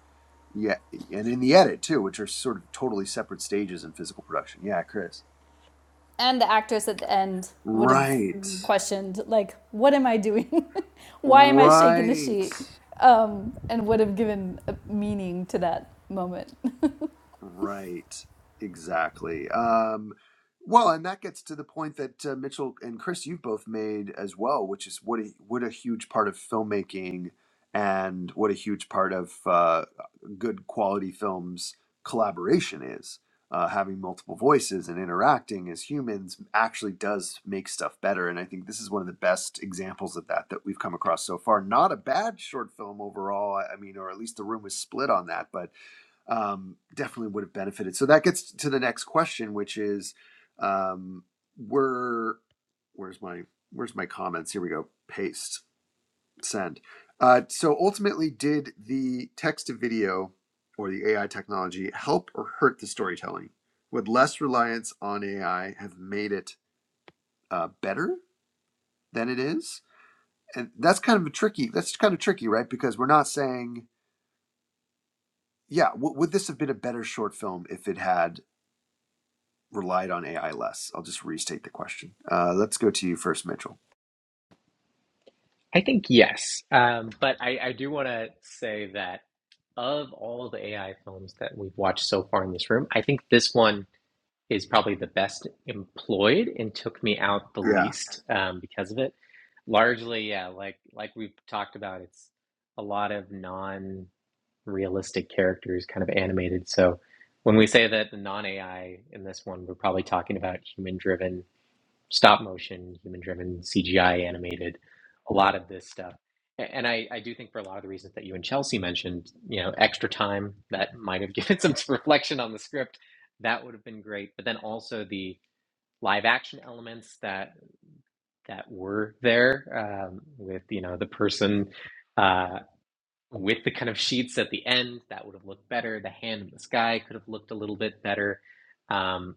Speaker 2: Yeah, and in the edit too, which are sort of totally separate stages in physical production. Yeah, Chris.
Speaker 4: and the actress at the end would have
Speaker 2: Right.
Speaker 4: questioned like what am i doing why am i shaking the sheet
Speaker 2: Right.
Speaker 4: um, and would have given a meaning to that moment
Speaker 2: Right. Exactly. Um, well, and that gets to the point that uh, Mitchell and Chris, you've both made as well, which is what a what a huge part of filmmaking and what a huge part of uh, good quality films collaboration is. Uh, having multiple voices and interacting as humans actually does make stuff better, and I think this is one of the best examples of that that we've come across so far. Not a bad short film overall, I I mean, or at least the room was split on that, but um, definitely would have benefited. So that gets to the next question, which is, um, were where's my where's my comments? Here we go. Paste send. Uh, so ultimately, did the text to video or the AI technology help or hurt the storytelling? Would less reliance on AI have made it uh, better than it is? And that's kind of a tricky. That's kind of tricky, right? Because we're not saying, yeah, w- would this have been a better short film if it had relied on AI less? I'll just restate the question. Uh, let's go to you first, Mitchell.
Speaker 1: i think yes um, but i i do want to say that of all the ai films that we've watched so far in this room i think this one is probably the best employed and took me out the
Speaker 2: Yeah.
Speaker 1: least um, because of it largely yeah like like we've talked about it's a lot of non realistic characters, kind of animated. So when we say that the non-AI in this one, we're probably talking about human-driven stop motion, human-driven CGI animated, a lot of this stuff. A- And I, I do think for a lot of the reasons that you and Chelsea mentioned, you know, extra time that might have given some reflection on the script, that would have been great. But then also the live action elements that that were there um, with you know the person uh, with the kind of sheets at the end that would have looked better the hand in the sky could have looked a little bit better um,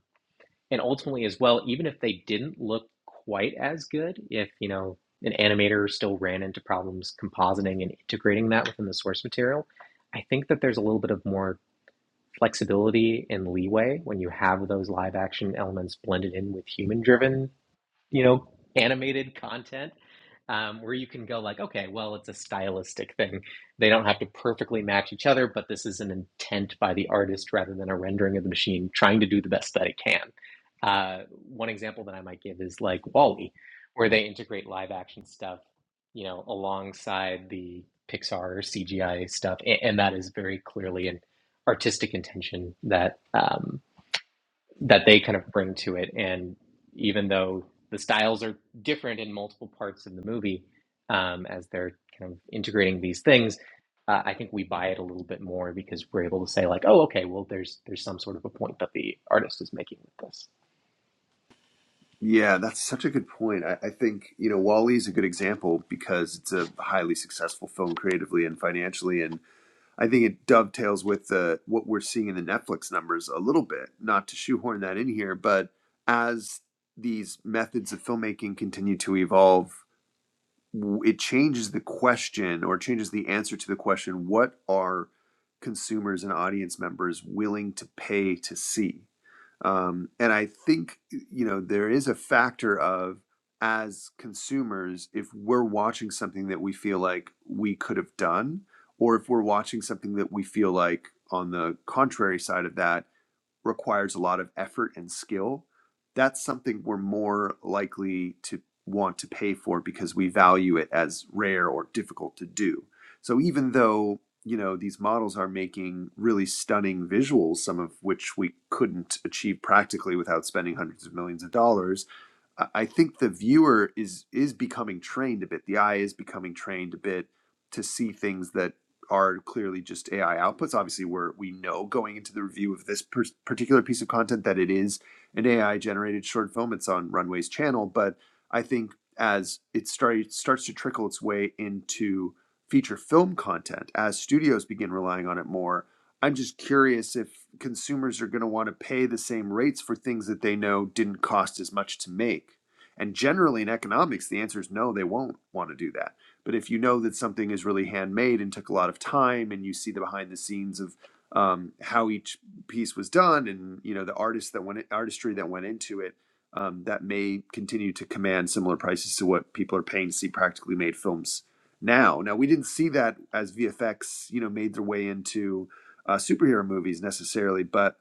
Speaker 1: and ultimately as well even if they didn't look quite as good if you know an animator still ran into problems compositing and integrating that within the source material i think that there's a little bit of more flexibility and leeway when you have those live action elements blended in with human driven you know, animated content um, where you can go like, okay, well, it's a stylistic thing. They don't have to perfectly match each other, but this is an intent by the artist rather than a rendering of the machine trying to do the best that it can. Uh, one example that I might give is like Wall-E, where they integrate live action stuff, you know, alongside the Pixar or CGI stuff, and, and that is very clearly an artistic intention that. Um, that they kind of bring to it. And even though the styles are different in multiple parts of the movie, um, as they're kind of integrating these things, uh, I think we buy it a little bit more because we're able to say like, oh, okay, well, there's there's some sort of a point that the artist is making with this.
Speaker 2: Yeah, that's such a good point. I, I think, you know, Wally is a good example because it's a highly successful film creatively and financially. And I think it dovetails with the, what we're seeing in the Netflix numbers a little bit, not to shoehorn that in here, but as these methods of filmmaking continue to evolve it changes the question or changes the answer to the question what are consumers and audience members willing to pay to see um, and i think you know there is a factor of as consumers if we're watching something that we feel like we could have done or if we're watching something that we feel like on the contrary side of that requires a lot of effort and skill, that's something we're more likely to want to pay for because we value it as rare or difficult to do. So even though, you know, these models are making really stunning visuals, some of which we couldn't achieve practically without spending hundreds of millions of dollars, I I think the viewer is is becoming trained a bit. The eye is becoming trained a bit to see things that are clearly just AI outputs. Obviously, we're we know going into the review of this per- particular piece of content that it is an AI generated short film. It's on Runway's channel, but I think as it starts starts to trickle its way into feature film content, as studios begin relying on it more, I'm just curious if consumers are going to want to pay the same rates for things that they know didn't cost as much to make. And generally in economics, the answer is no, they won't want to do that. But if you know that something is really handmade and took a lot of time, and you see the behind the scenes of um, how each piece was done, and you know the artist that went artistry that went into it, um, that may continue to command similar prices to what people are paying to see practically made films now. Now we didn't see that as VFX, you know, made their way into uh, superhero movies necessarily, but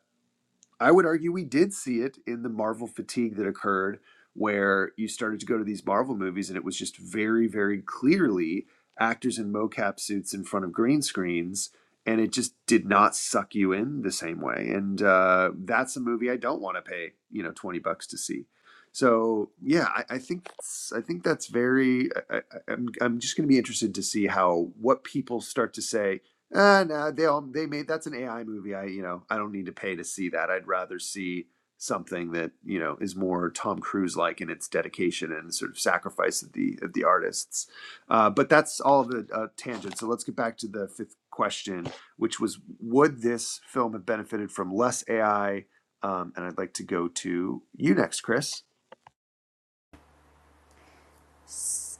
Speaker 2: I would argue we did see it in the Marvel fatigue that occurred, where you started to go to these Marvel movies and it was just very, very clearly actors in mocap suits in front of green screens, and it just did not suck you in the same way. And uh, that's a movie I don't want to pay you know twenty bucks to see. So yeah, I, I think it's, I think that's very. I, I, I'm I'm just going to be interested to see how what people start to say uh, no, they all they made that's an AI movie. I you know I don't need to pay to see that. I'd rather see something that you know is more Tom Cruise like in its dedication and sort of sacrifice of the of the artists. Uh, but that's all the uh, tangent. So let's get back to the fifth question, which was would this film have benefited from less AI? Um, and I'd like to go to you next, Chris.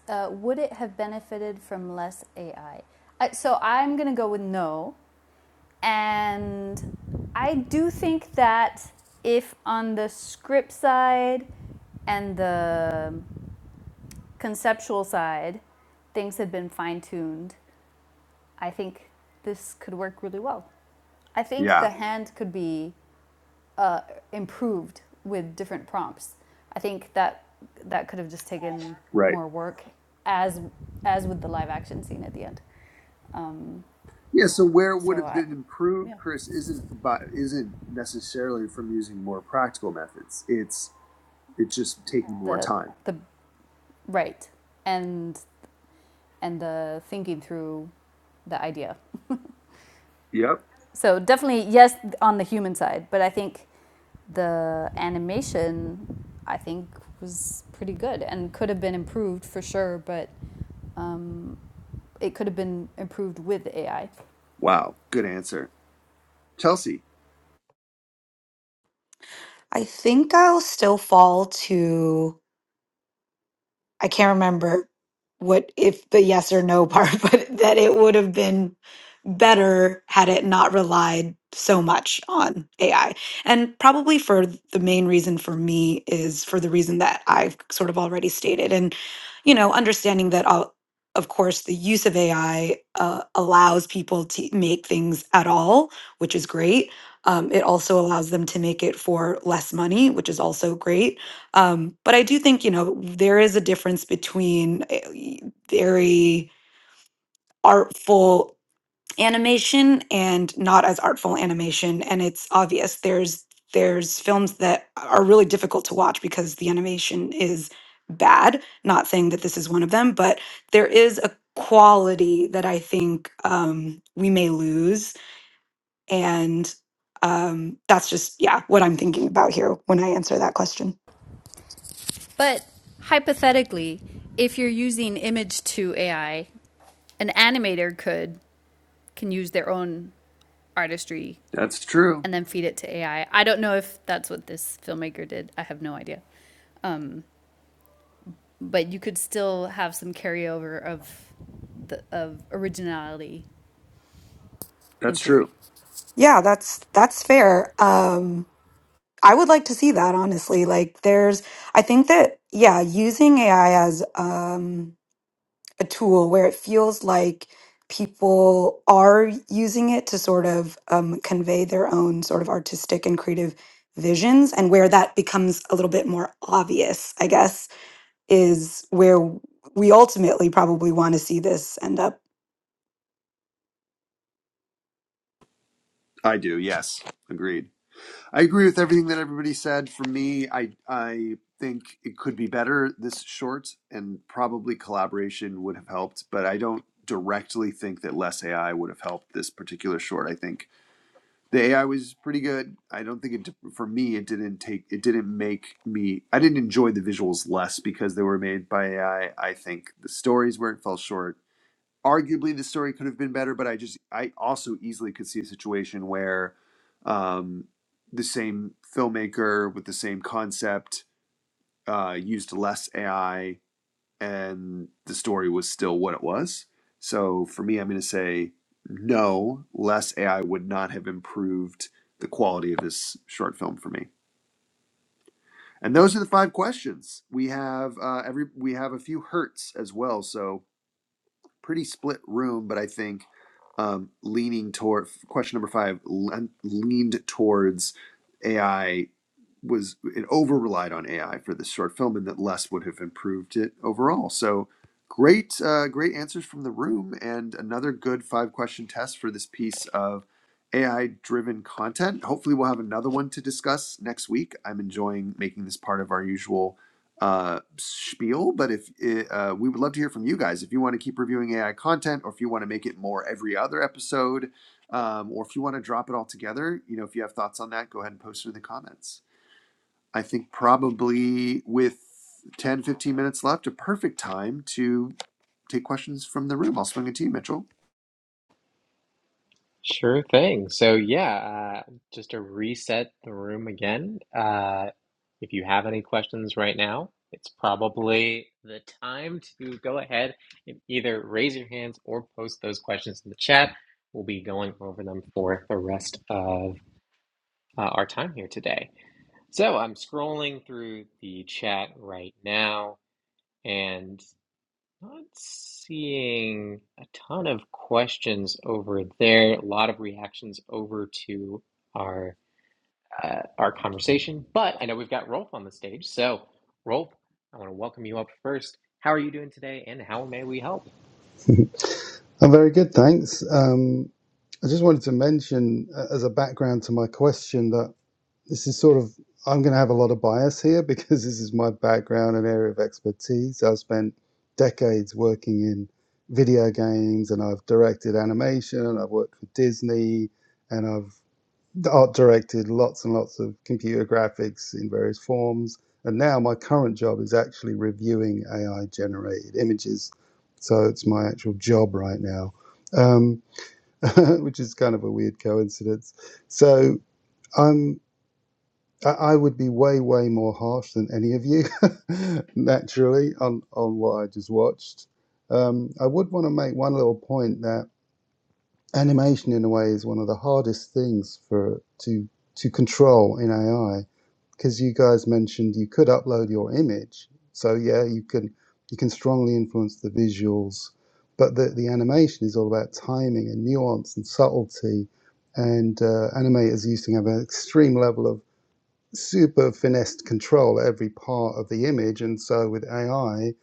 Speaker 4: uh, would it have benefited from less ai uh, so i'm going to go with no and i do think that if on the script side and the conceptual side things had been fine-tuned I think this could work really well. I think
Speaker 2: Yeah.
Speaker 4: the hand could be uh, improved with different prompts. I think that that could have just taken
Speaker 2: Right.
Speaker 4: more work, as as with the live action scene at the end. Um,
Speaker 2: Yeah, so where it would
Speaker 4: so
Speaker 2: have
Speaker 4: I,
Speaker 2: been improved, Chris, isn't by, isn't necessarily from using more practical methods. It's it's just taking more
Speaker 4: the
Speaker 2: time.
Speaker 4: the right and and the thinking through the idea.
Speaker 2: Yep.
Speaker 4: So definitely yes on the human side, but I think the animation I think was pretty good and could have been improved for sure, but um, it could have been improved with AI.
Speaker 2: Wow, good answer. Chelsea,
Speaker 3: I think I'll still fall to I can't remember what if the yes or no part, but that it would have been better had it not relied so much on AI. And probably for the main reason for me is for the reason that I've sort of already stated. And, you know, understanding that all, of course, the use of AI uh, allows people to make things at all, which is great. Um, it also allows them to make it for less money, which is also great um, but I do think, you know, there is a difference between eh, very artful animation and not as artful animation. And it's obvious there's there's films that are really difficult to watch because the animation is bad. Not saying that this is one of them, but there is a quality that I think um, we may lose. And um, that's just, yeah, what I'm thinking about here when I answer that question.
Speaker 4: But hypothetically, if you're using image to AI, an animator could can use their own artistry
Speaker 2: that's true.
Speaker 4: and then feed it to AI. I I don't know if that's what this filmmaker did. I have no idea. But you could still have some carryover of the, of originality. In
Speaker 2: That's
Speaker 4: theory.
Speaker 2: true.
Speaker 3: Yeah, that's that's fair. Um, I would like to see that honestly. Like, there's, I think that yeah, using AI as um, a tool where it feels like people are using it to sort of um, convey their own sort of artistic and creative visions and where that becomes a little bit more obvious i guess is where we ultimately probably want to see this end up
Speaker 2: I do. Yes. Agreed. I agree with everything that everybody said. For me, I I think it could be better this short and probably collaboration would have helped, but I don't directly think that less AI would have helped this particular short. I think the AI was pretty good. I don't think it for me it didn't take it didn't make me I didn't enjoy the visuals less because they were made by AI. I I think the stories where it fell short. Arguably the story could have been better, but I just I also easily could see a situation where um, the same filmmaker with the same concept uh, used less AI and the story was still what it was. So for me, I'm going to say no, less AI would not have improved the quality of this short film for me. And those are the five questions. We have uh, every we have a few hurts as well, so pretty split room. But I think um, leaning toward question number five l- leaned towards AI was it over relied on AI for this short film, and that less would have improved it overall. So great, uh, great answers from the room, and another good five question test for this piece of AI driven content. Hopefully, we'll have another one to discuss next week. I'm enjoying making this part of our usual uh spiel but if it, uh we would love to hear from you guys if you want to keep reviewing ai content or if you want to make it more every other episode um, or if you want to drop it all together you know if you have thoughts on that go ahead and post it in the comments I think probably with 10 15 minutes left, a perfect time to take questions from the room. I'll swing it to you, Mitchell.
Speaker 1: Sure thing. So, yeah, uh, just to reset the room again, uh, if you have any questions right now, it's probably the time to go ahead and either raise your hands or post those questions in the chat. We'll be going over them for the rest of uh, our time here today. So, I'm scrolling through the chat right now, and not seeing a ton of questions over there, a lot of reactions over to our uh, our conversation. But I know we've got Rolf on the stage, so Rolf, I want to welcome you up first. How are you doing today, and how may we help?
Speaker 5: I'm very good, thanks. Um, I just wanted to mention, uh, as a background to my question, that this is sort of, I'm going to have a lot of bias here because this is my background and area of expertise. I've spent decades working in video games and I've directed animation, and I've worked for Disney, and I've the art directed, lots and lots of computer graphics in various forms. And now my current job is actually reviewing AI generated images. So it's my actual job right now, um, which is kind of a weird coincidence. So I'm. I I would be way, way more harsh than any of you, naturally, on, on what I just watched. Um, I would want to make one little point that animation in a way is one of the hardest things for to to control in AI because you guys mentioned you could upload your image. So yeah, you can you can strongly influence the visuals, but the the animation is all about timing and nuance and subtlety. And uh, animators used to have an extreme level of super finessed control every part of the image. And so with AI,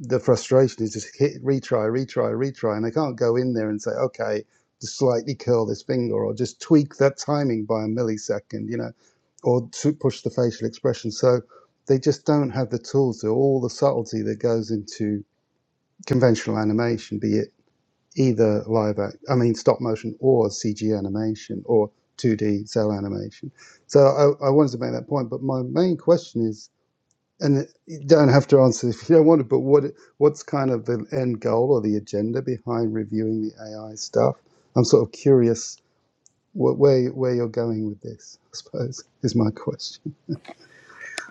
Speaker 5: the frustration is just hit retry, retry, retry. And they can't go in there and say, okay, just slightly curl this finger or just tweak that timing by a millisecond, you know, or to push the facial expression. So they just don't have the tools or all the subtlety that goes into conventional animation, be it either live act, I mean stop motion or CG animation or 2D cell animation. So I, I wanted to make that point, but my main question is, and you don't have to answer if you don't want to, but what what's kind of the end goal or the agenda behind reviewing the AI stuff? I'm sort of curious what, where where you're going with this. I suppose is my question.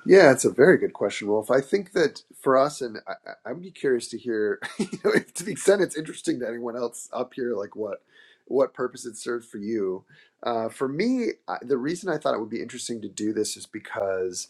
Speaker 2: Yeah, it's a very good question, Wolf. I think that for us, and I, I- I'd be curious to hear, you know, if to the extent it's interesting to anyone else up here, like what what purpose it served for you. Uh, for me, I, the reason I thought it would be interesting to do this is because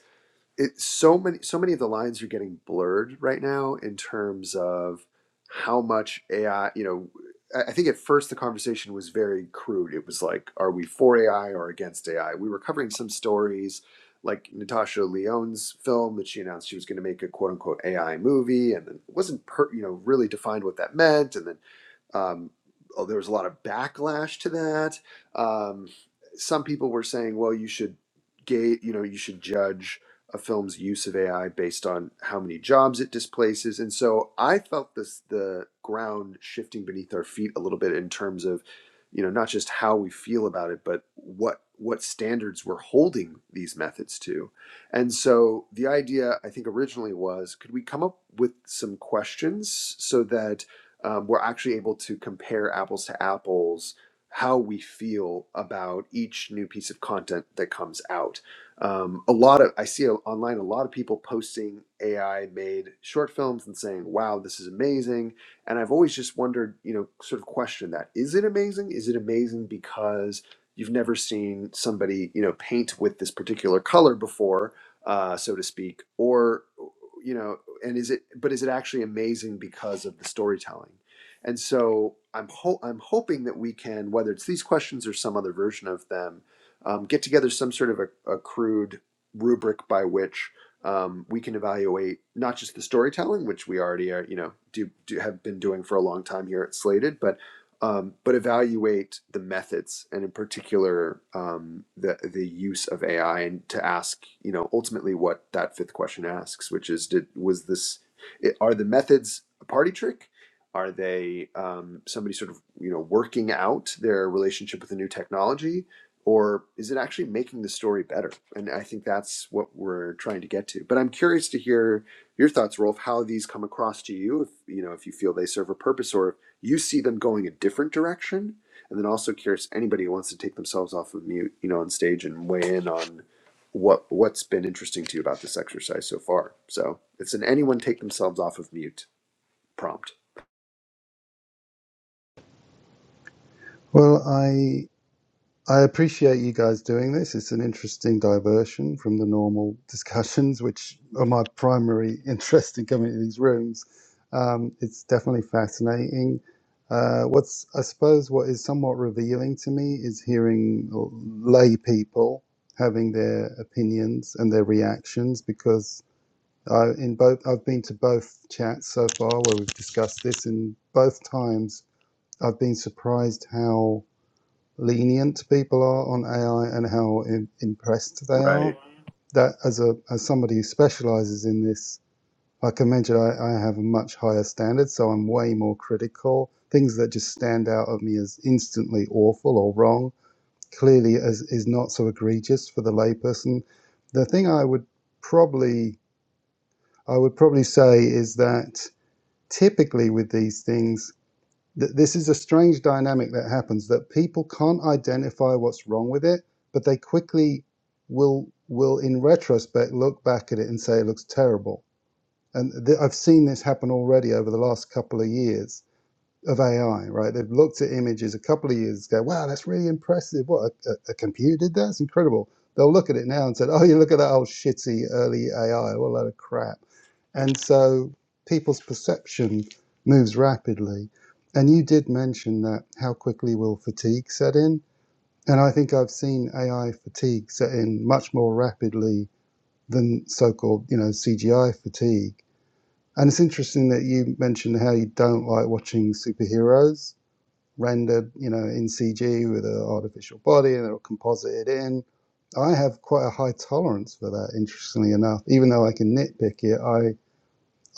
Speaker 2: it so many so many of the lines are getting blurred right now in terms of how much AI, you know, I think at first the conversation was very crude. It was like, are we for AI or against AI? We were covering some stories like Natasha Leone's film that she announced she was going to make a quote unquote AI movie and then it wasn't per, you know, really defined what that meant. And then um, oh, there was a lot of backlash to that. Um, some people were saying, well, you should gate, you know, you should judge a film's use of AI based on how many jobs it displaces. And so I felt this the ground shifting beneath our feet a little bit in terms of, you know, not just how we feel about it, but what what standards we're holding these methods to. And so the idea I think originally was could we come up with some questions so that um, we're actually able to compare apples to apples how we feel about each new piece of content that comes out. Um, a lot of I see online a lot of people posting AI made short films and saying, "Wow, this is amazing." And I've always just wondered, you know, sort of question that: Is it amazing? Is it amazing because you've never seen somebody, you know, paint with this particular color before, uh, so to speak, or you know? and is it but is it actually amazing because of the storytelling and so i'm ho- i'm hoping that we can whether it's these questions or some other version of them um, get together some sort of a, a crude rubric by which um, we can evaluate not just the storytelling which we already are you know do, do have been doing for a long time here at slated but um, but evaluate the methods and in particular um, the the use of AI and to ask you know ultimately what that fifth question asks, which is did was this are the methods a party trick? Are they um, somebody sort of you know working out their relationship with a new technology, or is it actually making the story better? And I think that's what we're trying to get to. But I'm curious to hear your thoughts, Rolf, how these come across to you. If you know if you feel they serve a purpose, or you see them going a different direction and then also curious anybody who wants to take themselves off of mute you know on stage and weigh in on what what's been interesting to you about this exercise so far so it's an anyone take themselves off of mute prompt
Speaker 5: Well, I I appreciate you guys doing this. It's an interesting diversion from the normal discussions, which are my primary interest in coming to these rooms. Um, it's definitely fascinating. Uh, what's I suppose what is somewhat revealing to me is hearing lay people having their opinions and their reactions because I, in both I've been to both chats so far where we've discussed this, and both times I've been surprised how lenient people are on AI and how im- impressed they
Speaker 2: Right.
Speaker 5: are. That as a as somebody who specialises in this, like I mentioned, I, I have a much higher standard, so I'm way more critical. Things that just stand out at me as instantly awful or wrong clearly as is not so egregious for the layperson. The thing I would probably I would probably say is that typically with these things Th- this is a strange dynamic that happens that people can't identify what's wrong with it, but they quickly will will in retrospect look back at it and say it looks terrible. And th- I've seen this happen already over the last couple of years of AI. Right, they've looked at images a couple of years ago. Wow, that's really impressive. What a, a, computer did that? It's incredible. They'll look at it now and say, "Oh, you look at that old shitty early AI. What a load of crap." And so people's perception moves rapidly. And you did mention that how quickly will fatigue set in. And I think I've seen AI fatigue set in much more rapidly than so called, you know, CGI fatigue. And it's interesting that you mentioned how you don't like watching superheroes rendered, you know, in CG with an artificial body and they're composited in. I have quite a high tolerance for that, interestingly enough. Even though I can nitpick it, I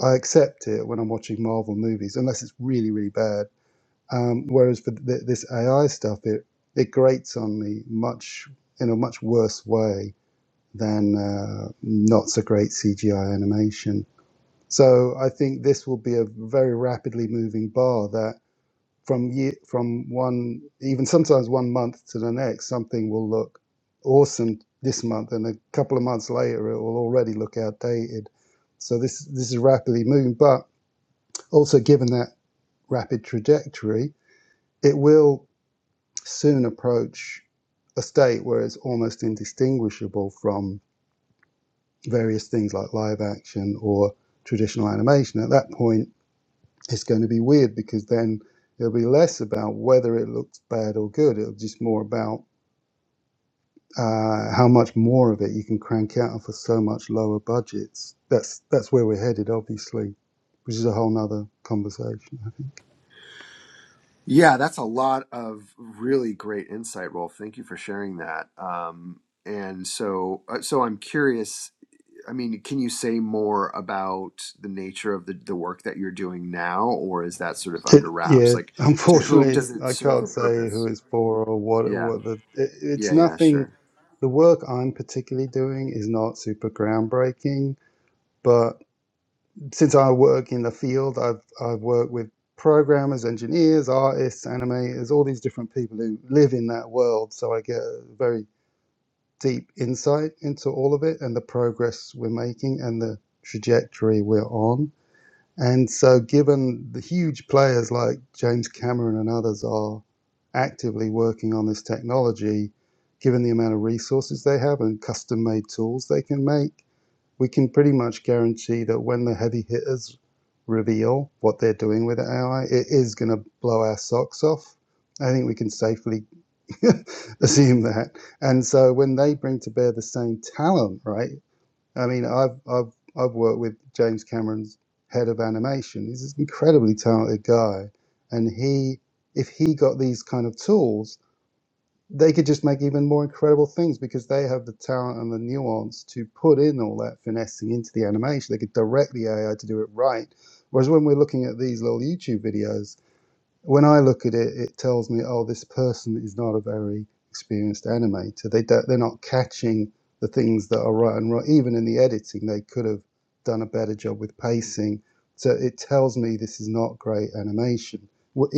Speaker 5: I accept it when I'm watching Marvel movies, unless it's really, really bad. Um, whereas for th- this AI stuff, it it grates on me much in a much worse way than uh, not so great CGI animation. So I think this will be a very rapidly moving bar that from year, from one even sometimes one month to the next, something will look awesome this month, and a couple of months later, it will already look outdated. So this this is rapidly moving, but also, given that rapid trajectory, it will soon approach a state where it's almost indistinguishable from various things like live action or traditional animation. At that point, it's going to be weird because then it'll be less about whether it looks bad or good. It'll just more about uh, how much more of it you can crank out for so much lower budgets. That's that's where we're headed, obviously, which is a whole nother conversation. I think.
Speaker 2: yeah that's a lot of really great insight rolf thank you for sharing that um, and so uh, so i'm curious I mean, can you say more about the nature of the, the work that you're doing now, or is that sort of
Speaker 5: It,
Speaker 2: under wraps?
Speaker 5: yeah,
Speaker 2: Like, to whom
Speaker 5: unfortunately,
Speaker 2: does
Speaker 5: it's,
Speaker 2: it
Speaker 5: I
Speaker 2: serve a
Speaker 5: can't say who
Speaker 2: purpose?
Speaker 5: it's for or what.
Speaker 2: Yeah,
Speaker 5: What the it, it's
Speaker 2: yeah, yeah,
Speaker 5: nothing.
Speaker 2: sure.
Speaker 5: The work I'm particularly doing is not super groundbreaking, but since I work in the field, I've I've worked with programmers, engineers, artists, animators, all these different people who live in that world. So I get a very deep insight into all of it and the progress we're making and the trajectory we're on. And so, given the huge players like James Cameron and others are actively working on this technology, given the amount of resources they have and custom made tools they can make, we can pretty much guarantee that when the heavy hitters reveal what they're doing with AI, it is going to blow our socks off. I think we can safely assume that. And so, when they bring to bear the same talent, right? I mean, I've I've I've worked with James Cameron's head of animation. He's this incredibly talented guy, and he, if he got these kind of tools, they could just make even more incredible things because they have the talent and the nuance to put in all that finessing into the animation. They could direct the AI to do it right. Whereas when we're looking at these little YouTube videos, when I look at it, it tells me, oh, this person is not a very experienced animator. They don't, they're not catching the things that are right and wrong. Even in the editing, they could have done a better job with pacing. So it tells me this is not great animation,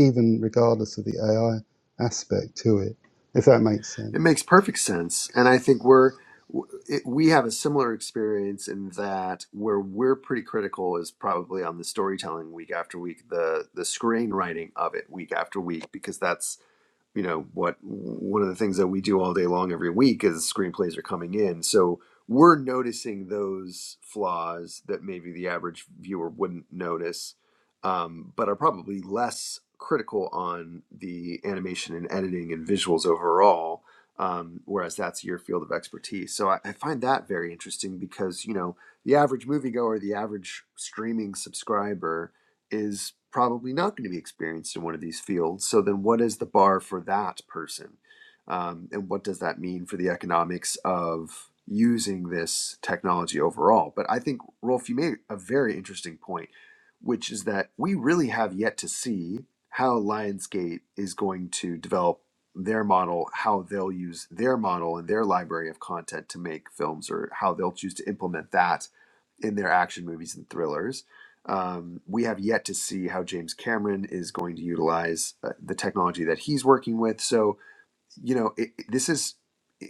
Speaker 5: even regardless of the AI aspect to it, if that makes
Speaker 2: It
Speaker 5: sense.
Speaker 2: makes perfect sense, and I think we're w- it, we have a similar experience in that where we're pretty critical is probably on the storytelling week after week, the the screenwriting of it week after week, because that's you know what one of the things that we do all day long every week is screenplays are coming in so we're noticing those flaws that maybe the average viewer wouldn't notice um, but are probably less critical on the animation and editing and visuals overall um, whereas that's your field of expertise so I, I find that very interesting because you know the average moviegoer the average streaming subscriber is probably not going to be experienced in one of these fields. So then, what is the bar for that person? Um, and what does that mean for the economics of using this technology overall? But I think, Rolf, you made a very interesting point, which is that we really have yet to see how Lionsgate is going to develop their model, how they'll use their model and their library of content to make films, or how they'll choose to implement that in their action movies and thrillers. Um, we have yet to see how James Cameron is going to utilize uh, the technology that he's working with. So, you know, it, it- this is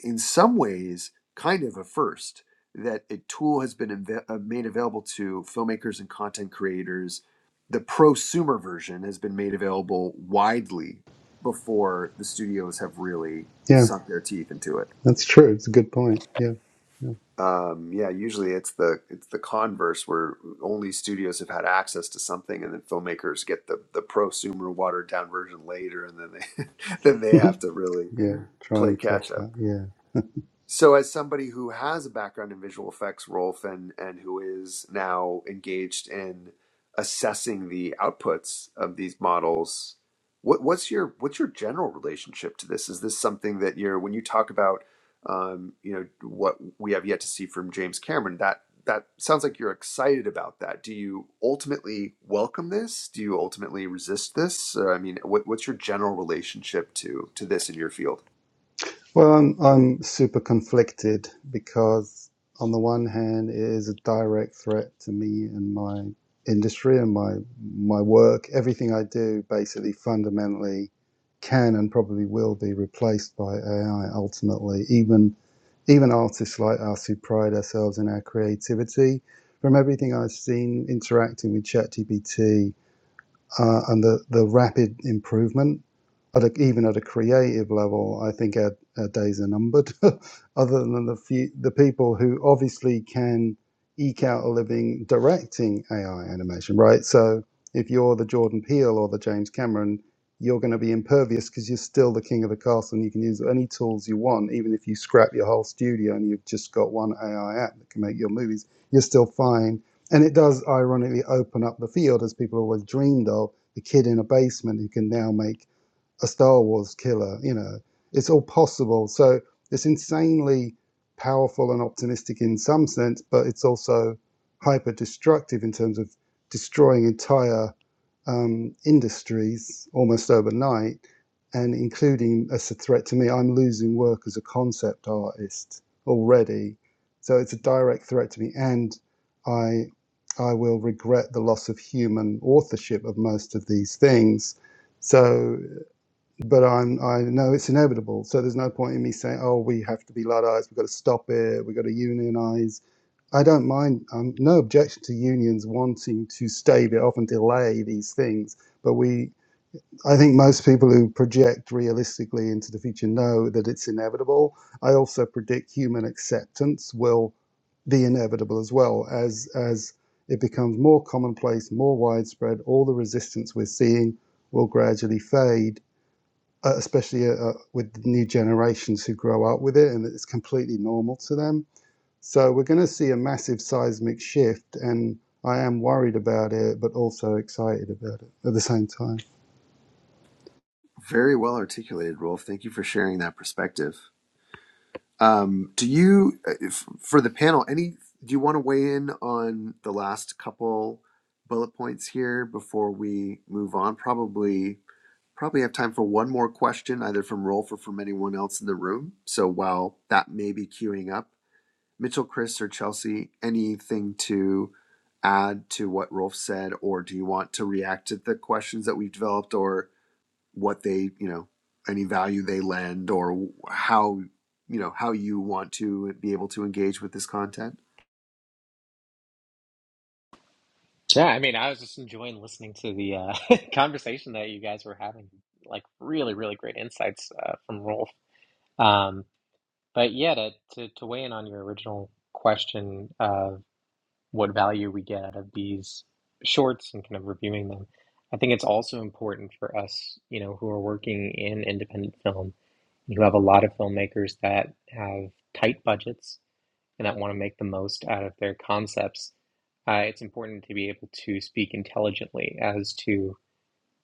Speaker 2: in some ways kind of a first that a tool has been inve- uh, made available to filmmakers and content creators. The prosumer version has been made available widely before the studios have really
Speaker 5: Yeah,
Speaker 2: sunk their teeth into it.
Speaker 5: that's true. It's a good point. Yeah, yeah,
Speaker 2: Um, yeah, usually it's the it's the converse where only studios have had access to something, and then filmmakers get the the prosumer watered down version later, and then they then they have to really
Speaker 5: yeah. Try
Speaker 2: play
Speaker 5: and catch
Speaker 2: catch up.
Speaker 5: up. Yeah.
Speaker 2: So, as somebody who has a background in visual effects, Rolf, and and who is now engaged in assessing the outputs of these models, what what's your what's your general relationship to this? Is this something that you're when you talk about, um, you know, what we have yet to see from James Cameron? That that sounds like you're excited about that. Do you ultimately welcome this? Do you ultimately resist this? Uh, I mean, what, what's your general relationship to to this in your field?
Speaker 5: Well, I'm, I'm super conflicted because, on the one hand, it is a direct threat to me and my industry and my my work. Everything I do basically fundamentally can and probably will be replaced by AI ultimately. Even even artists like us who pride ourselves in our creativity, from everything I've seen interacting with ChatGPT uh, and the, the rapid improvement at a, even at a creative level, I think our, our days are numbered. Other than the few, the people who obviously can eke out a living directing AI animation, right? So if you're the Jordan Peele or the James Cameron, you're going to be impervious because you're still the king of the castle and you can use any tools you want, even if you scrap your whole studio and you've just got one AI app that can make your movies. You're still fine and it does ironically open up the field as people always dreamed of the kid in a basement who can now make a Star Wars killer. You know, it's all possible. So it's insanely powerful and optimistic in some sense, but it's also hyper destructive in terms of destroying entire um, industries almost overnight, and including as a threat to me, I'm losing work as a concept artist already. So it's a direct threat to me, and I I will regret the loss of human authorship of most of these things. So, but I'm I know it's inevitable. So there's no point in me saying, oh, we have to be Luddites, we've got to stop it, we've got to unionize I don't mind, um, no objection to unions wanting to stave it off and delay these things. But we, I think most people who project realistically into the future know that it's inevitable. I also predict human acceptance will be inevitable as well as, as it becomes more commonplace, more widespread. All the resistance we're seeing will gradually fade, uh, especially uh, uh, with the new generations who grow up with it, and it's completely normal to them so we're going to see a massive seismic shift, and I am worried about it, but also excited about it at the same time.
Speaker 2: Very well articulated, Rolf. Thank you for sharing that perspective. Um, do you, if, for the panel, any? Do you want to weigh in on the last couple bullet points here before we move on? Probably, probably have time for one more question, either from Rolf or from anyone else in the room. So while that may be queuing up, Mitchell, Chris, or Chelsea, anything to add to what Rolf said, or do you want to react to the questions that we've developed, or? what they you know any value they lend or how you know how you want to be able to engage with this content
Speaker 1: Yeah, I mean, I was just enjoying listening to the uh, conversation that you guys were having. Like, really, really great insights uh, from Rolf. Um, but yeah, to, to to weigh in on your original question, of what value we get out of these shorts and kind of reviewing them. I think it's also important for us, you know, who are working in independent film. You have a lot of filmmakers that have tight budgets and that want to make the most out of their concepts. Uh, it's important to be able to speak intelligently as to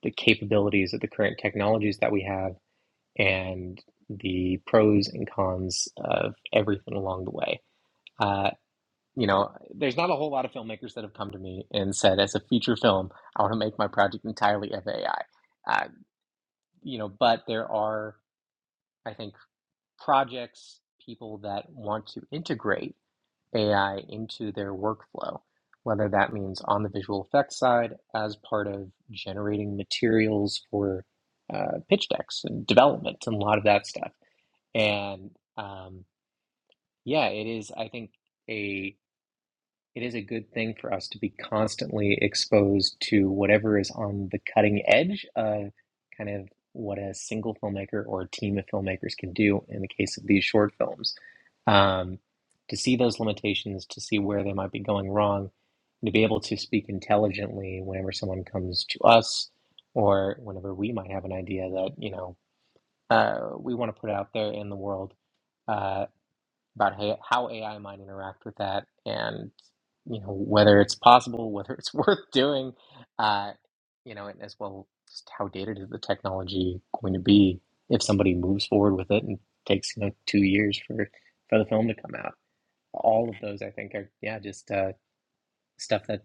Speaker 1: the capabilities of the current technologies that we have and the pros and cons of everything along the way. Uh, you know, there's not a whole lot of filmmakers that have come to me and said, as a feature film, I want to make my project entirely of AI. Uh, you know, but there are, I think, projects, people that want to integrate AI into their workflow, whether that means on the visual effects side as part of generating materials for uh, pitch decks and development and a lot of that stuff. And um, yeah, it is, I think, a it is a good thing for us to be constantly exposed to whatever is on the cutting edge of kind of what a single filmmaker or a team of filmmakers can do in the case of these short films. Um, to see those limitations, to see where they might be going wrong, and to be able to speak intelligently whenever someone comes to us or whenever we might have an idea that, you know, uh, we want to put out there in the world. Uh, about how AI might interact with that, and you know whether it's possible, whether it's worth doing, uh, you know, and as well just how dated is the technology going to be if somebody moves forward with it and takes you know two years for for the film to come out. All of those, I think, are yeah, just uh, stuff that's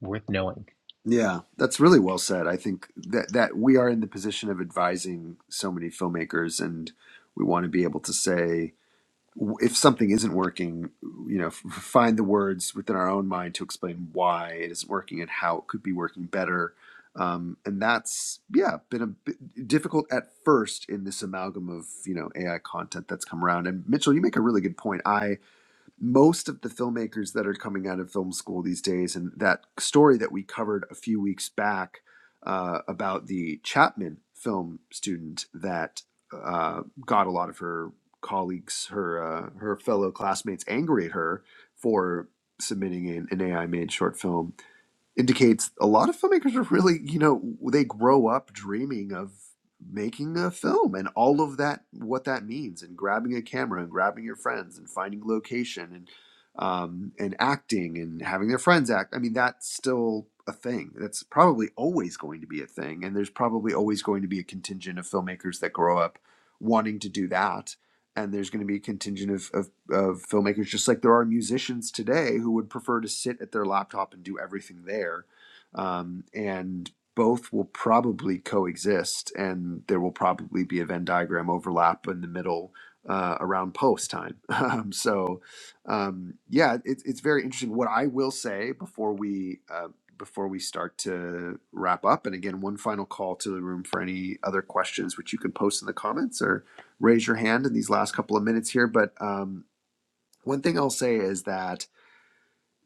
Speaker 1: worth knowing.
Speaker 2: yeah that's really well said i think that that we are in the position of advising so many filmmakers and we want to be able to say if something isn't working, you know, find the words within our own mind to explain why it isn't working and how it could be working better. Um, and that's yeah, been a bit difficult at first in this amalgam of you know AI content that's come around. And Mitchell, you make a really good point. I most of the filmmakers that are coming out of film school these days, and that story that we covered a few weeks back uh, about the Chapman film student that uh, got a lot of her colleagues, her uh, her fellow classmates, angry at her for submitting an, an AI made short film indicates a lot of filmmakers are really, you know, they grow up dreaming of making a film and all of that, what that means, and grabbing a camera and grabbing your friends and finding location and um, and acting and having their friends act. I mean, that's still a thing. That's probably always going to be a thing, and there's probably always going to be a contingent of filmmakers that grow up wanting to do that. And there's going to be a contingent of, of of filmmakers, just like there are musicians today who would prefer to sit at their laptop and do everything there. Um, and both will probably coexist, and there will probably be a Venn diagram overlap in the middle uh, around post time. Um, so, um, yeah, it's it's very interesting. What I will say before we uh, before we start to wrap up, and again, one final call to the room for any other questions, which you can post in the comments or raise your hand in these last couple of minutes here. But um, one thing I'll say is that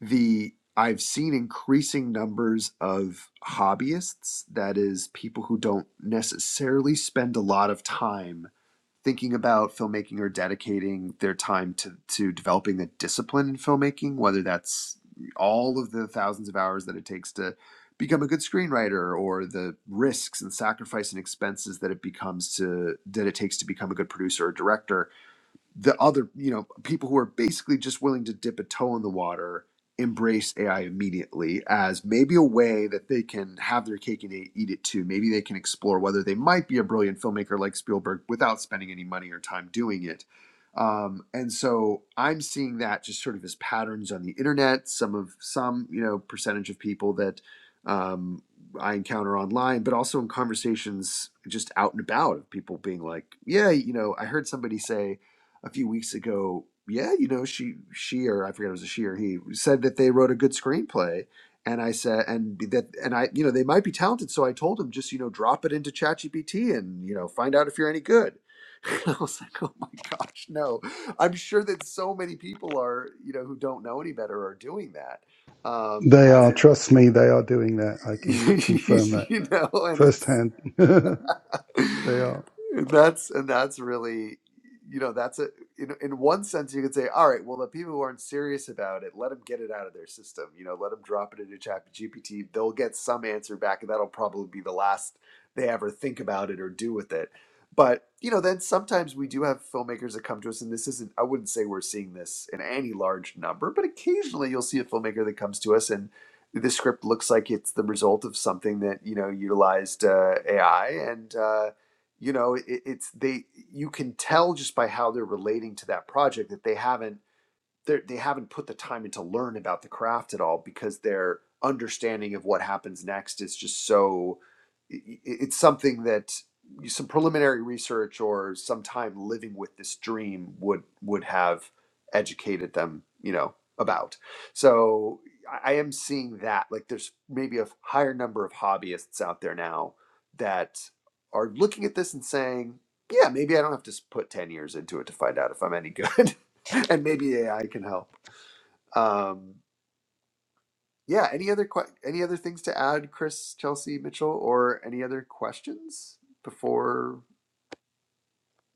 Speaker 2: the I've seen increasing numbers of hobbyists, that is, people who don't necessarily spend a lot of time thinking about filmmaking or dedicating their time to, to developing a discipline in filmmaking, whether that's all of the thousands of hours that it takes to become a good screenwriter or the risks and sacrifice and expenses that it becomes to that it takes to become a good producer or director the other, you know, people who are basically just willing to dip a toe in the water embrace AI immediately as maybe a way that they can have their cake and eat eat it too. Maybe they can explore whether they might be a brilliant filmmaker like Spielberg without spending any money or time doing it. Um, and so I'm seeing that just sort of as patterns on the internet. Some of some, you know, percentage of people that um, I encounter online, but also in conversations just out and about of people being like, yeah, you know, I heard somebody say, a few weeks ago. Yeah, you know, she she or I forget it was a she or he said that they wrote a good screenplay, and I said and that and I you know they might be talented, so I told him just you know drop it into ChatGPT and you know find out if you're any good. I was like, oh my gosh, no! I'm sure that so many people are you know who don't know any better are doing that. Um,
Speaker 5: They
Speaker 2: as
Speaker 5: are,
Speaker 2: a,
Speaker 5: trust me, they are doing that. I can confirm that
Speaker 2: you know, and it's
Speaker 5: firsthand. they are.
Speaker 2: that's and that's really you know that's a in, in one sense you could say all right well the people who aren't serious about it let them get it out of their system you know let them drop it into ChatGPT; they'll get some answer back and that'll probably be the last they ever think about it or do with it but you know then sometimes we do have filmmakers that come to us and this isn't i wouldn't say we're seeing this in any large number but occasionally you'll see a filmmaker that comes to us and the script looks like it's the result of something that you know utilized uh, AI, and uh, you know it, it's they. You can tell just by how they're relating to that project that they haven't they're, they have not put the time in to learn about the craft at all because their understanding of what happens next is just so it's something that some preliminary research or some time living with this dream would would have educated them you know about so i I am seeing that like there's maybe a higher number of hobbyists out there now that are looking at this and saying yeah maybe i don't have to put 10 years into it to find out if i'm any good and maybe AI can help. Um, yeah. Any other que- any other things to add, Chris, Chelsea, Mitchell, or any other questions before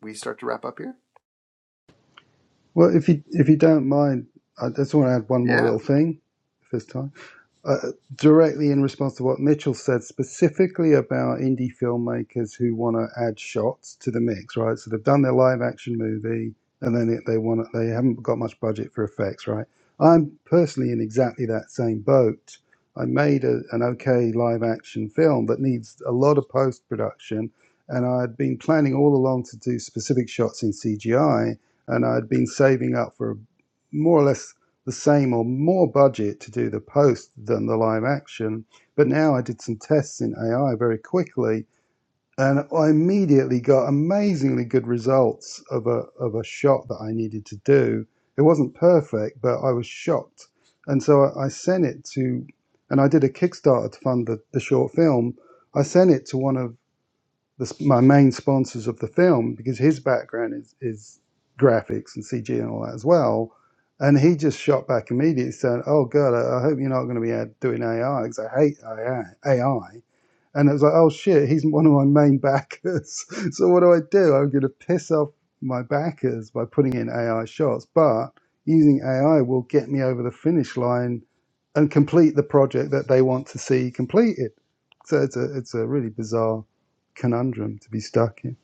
Speaker 2: we start to wrap up here?
Speaker 5: Well, if you if you don't mind, I just want to add one more
Speaker 2: Yeah.
Speaker 5: little thing, if there's time. uh, directly in response to what Mitchell said, specifically about indie filmmakers who want to add shots to the mix, right? So they've done their live action movie, and then they, they want to, they haven't got much budget for effects, right? I'm personally in exactly that same boat. I made a, an okay live action film that needs a lot of post production, and I'd been planning all along to do specific shots in CGI, and I'd been saving up for more or less the same or more budget to do the post than the live action. But now I did some tests in AI very quickly, and I immediately got amazingly good results of a of a shot that I needed to do. It wasn't perfect, but I was shocked, and so I, I sent it to, and I did a Kickstarter to fund the, the short film. I sent it to one of the, my main sponsors of the film because his background is, is graphics and CG and all that as well. And he just shot back immediately, saying, "Oh God, I I hope you're not going to be out doing AI because I hate AI." And it was like, oh shit, he's one of my main backers. so what do I do? I'm going to piss off my backers by putting in AI shots, but using AI will get me over the finish line and complete the project that they want to see completed. So it's a it's a really bizarre conundrum to be stuck in.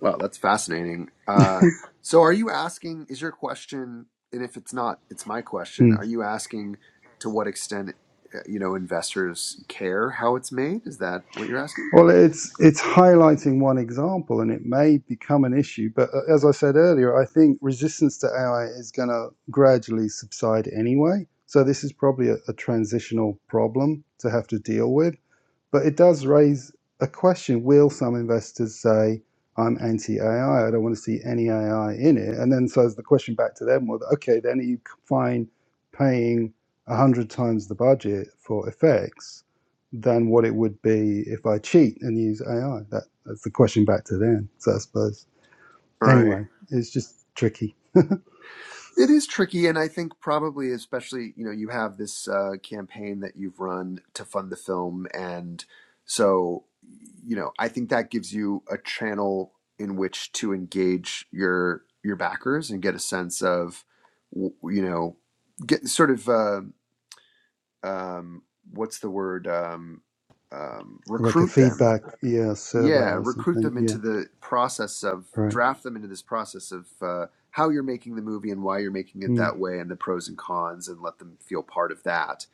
Speaker 2: Well, that's fascinating. Uh, so, are you asking? Is your question? And if it's not, it's my question.
Speaker 5: Mm.
Speaker 2: Are you asking to what extent uh, you know investors care how it's made? Is that what you're asking?
Speaker 5: Well, it's it's highlighting one example, and it may become an issue. But uh, as I said earlier, I think resistance to AI is going to gradually subside anyway. So this is probably a, a transitional problem to have to deal with. But it does raise a question will some investors say, I'm anti AI, I don't want to see any AI in it? And then so the question back to them was, okay, then are you fine paying 100 times the budget for effects than what it would be if I cheat and use AI? That, that's the question back to them. So I suppose,
Speaker 2: Right.
Speaker 5: anyway, it's just tricky.
Speaker 2: It is tricky, and I think probably especially you know you have this uh, campaign that you've run to fund the film, and so you know I think that gives you a channel in which to engage your your backers and get a sense of you know get sort of uh, um, what's the word um, um,
Speaker 5: Like a
Speaker 2: recruit them
Speaker 5: feedback, yeah, survey
Speaker 2: yeah
Speaker 5: or
Speaker 2: recruit
Speaker 5: something.
Speaker 2: them
Speaker 5: Yeah,
Speaker 2: into the process of
Speaker 5: right.
Speaker 2: draft them into this process of uh, how you're making the movie and why you're making it
Speaker 5: Mm,
Speaker 2: that way and the pros and cons and let them feel part of that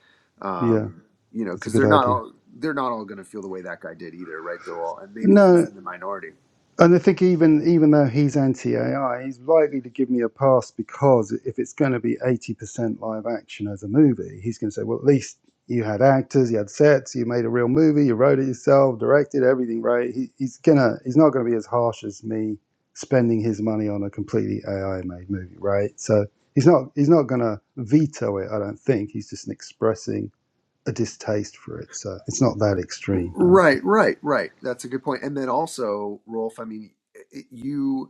Speaker 5: yeah,
Speaker 2: um, you know
Speaker 5: that's a
Speaker 2: because
Speaker 5: good
Speaker 2: they're not
Speaker 5: idea.
Speaker 2: all they're not all going to feel the way that guy did either right they're all and maybe he's
Speaker 5: No,
Speaker 2: in the minority
Speaker 5: And I think even even though he's anti AI, he's likely to give me a pass because if it's going to be eighty percent live action as a movie, he's going to say, "Well, at least you had actors, you had sets, you made a real movie, you wrote it yourself, directed everything right." He, he's gonna he's not going to be as harsh as me spending his money on a completely AI made movie, right? So he's not he's not going to veto it. I don't think he's just expressing a distaste for it. So it's not that extreme. I don't think.
Speaker 2: right right right that's a good point point. and then also rolf i mean i- you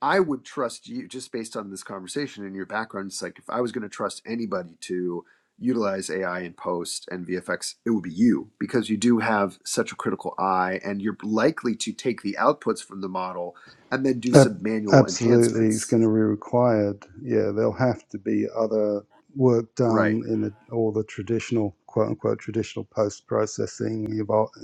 Speaker 2: I would trust you just based on this conversation and your background. It's like if I was going to trust anybody to utilize AI in post and VFX, it would be you because you do have such a critical eye and you're likely to take the outputs from the model and then do some
Speaker 5: Ab-
Speaker 2: manual
Speaker 5: absolutely, it's
Speaker 2: enhancements.
Speaker 5: going to be required. Yeah, there'll have to be other work
Speaker 2: Right.
Speaker 5: done in the, all the traditional, quote unquote, traditional post processing,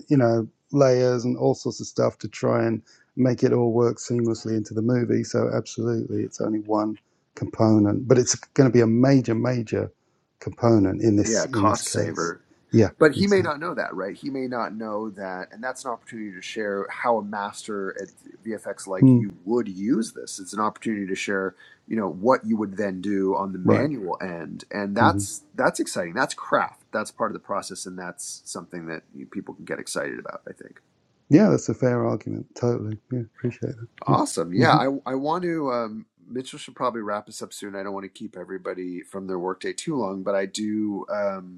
Speaker 5: you know, layers and all sorts of stuff to try and make it all work seamlessly into the movie. So, absolutely, it's only one component, but it's going to be a major, major component in
Speaker 2: Yeah.
Speaker 5: this in this
Speaker 2: Cost
Speaker 5: case.
Speaker 2: saver.
Speaker 5: Yeah,
Speaker 2: but he may
Speaker 5: exactly.
Speaker 2: not know that, right? He may not know that, and that's an opportunity to share how a master at VFX like
Speaker 5: Mm,
Speaker 2: you would use this. It's an opportunity to share, you know, what you would then do on the
Speaker 5: right.
Speaker 2: manual end, and
Speaker 5: hmm
Speaker 2: that's that's exciting. That's craft. That's part of the process, and that's something that you- people can get excited about. I think.
Speaker 5: Yeah, that's a fair argument. Totally. Yeah, appreciate that. Yeah.
Speaker 2: Awesome.
Speaker 5: hmm
Speaker 2: Yeah, I I want to. Um, Mitchell should probably wrap us up soon. I don't want to keep everybody from their workday too long, but I do. Um,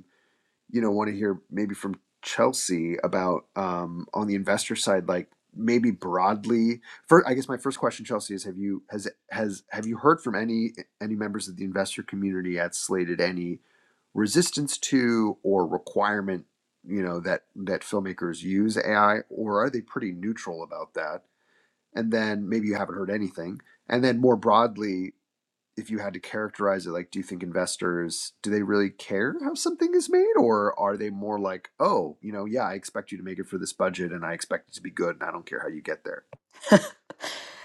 Speaker 2: you know want to hear maybe from Chelsea about um, on the investor side, like maybe broadly. For I guess my first question, Chelsea, is have you has has have you heard from any any members of the investor community at Slated any resistance to or requirement you know that that filmmakers use AI, or are they pretty neutral about that? And then maybe you haven't heard anything. And then more broadly, if you had to characterize it, like, do you think investors do they really care how something is made, or are they more like, oh, you know, yeah, I expect you to make it for this budget, and I expect it to be good, and I don't care how you get there?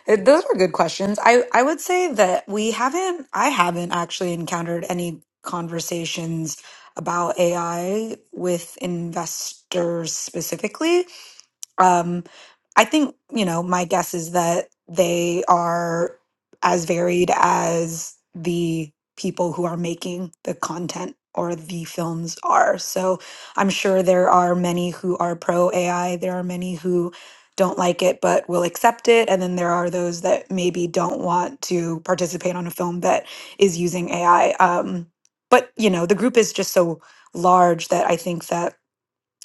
Speaker 3: Uh, those were good questions i i would say that we haven't i haven't actually encountered any conversations about ai with investors specifically um, I think, you know, my guess is that they are as varied as the people who are making the content or the films are. So I'm sure there are many who are pro AI, there are many who don't like it but will accept it. And then there are those that maybe don't want to participate on a film that is using AI. Um, but, you know, the group is just so large that I think that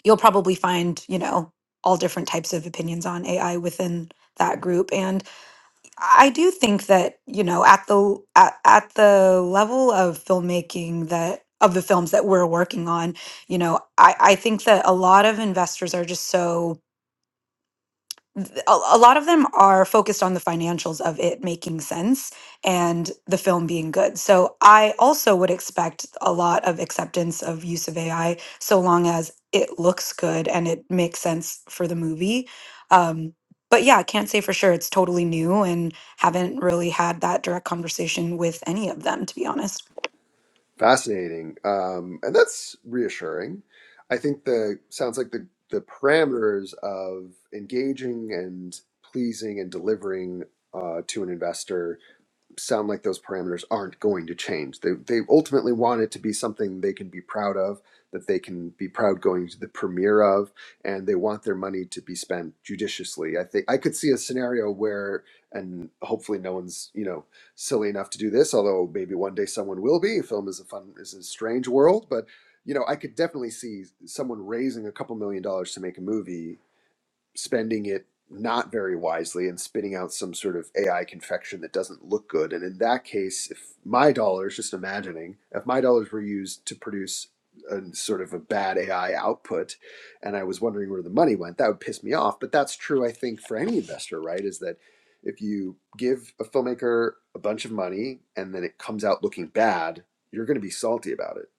Speaker 3: you'll probably find, you know, all different types of opinions on AI within that group. And I do think that, you know, at the at, at the level of filmmaking that of the films that we're working on, you know, I, I think that a lot of investors are just so th- a, a lot of them are focused on the financials of it making sense and the film being good. So I also would expect a lot of acceptance of use of AI so long as it looks good and it makes sense for the movie. Um, but yeah, I can't say for sure. It's totally new and haven't really had that direct conversation with any of them, to be honest.
Speaker 2: Fascinating, um, and that's reassuring. I think the sounds like the the parameters of engaging and pleasing and delivering uh, to an investor sound like those parameters aren't going to change. They they ultimately want it to be something they can be proud of, that they can be proud going to the premiere of, and they want their money to be spent judiciously. I think I could see a scenario where, and hopefully no one's you know silly enough to do this, although maybe one day someone will be. Film is a fun is a strange world, but you know I could definitely see someone raising a couple million dollars to make a movie spending it not very wisely and spitting out some sort of AI confection that doesn't look good. And in that case, if my dollars, just imagining, if my dollars were used to produce a sort of a bad AI output and I was wondering where the money went, that would piss me off. But that's true, I think, for any investor, right? Is that if you give a filmmaker a bunch of money and then it comes out looking bad, you're going to be salty about it.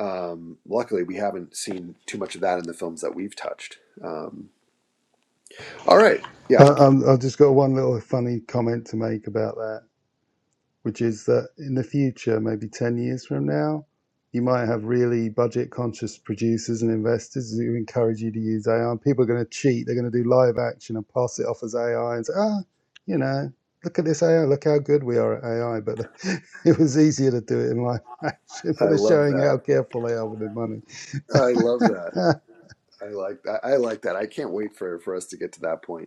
Speaker 2: Um, luckily, we haven't seen too much of that in the films that we've touched. Um, all right. Yeah,
Speaker 5: I, I'm, I've just got one little funny comment to make about that, which is that in the future, maybe 10 years from now, you might have really budget conscious producers and investors who encourage you to use AI. And people are going to cheat. They're going to do live action and pass it off as AI and say, ah, you know, look at this AI. Look how good we are at AI. But it was easier to do it in live action,
Speaker 2: I
Speaker 5: but they're
Speaker 2: love
Speaker 5: showing
Speaker 2: that.
Speaker 5: how careful they are with their money.
Speaker 2: I love that. I like that. I like that. I can't wait for for us to get to that point.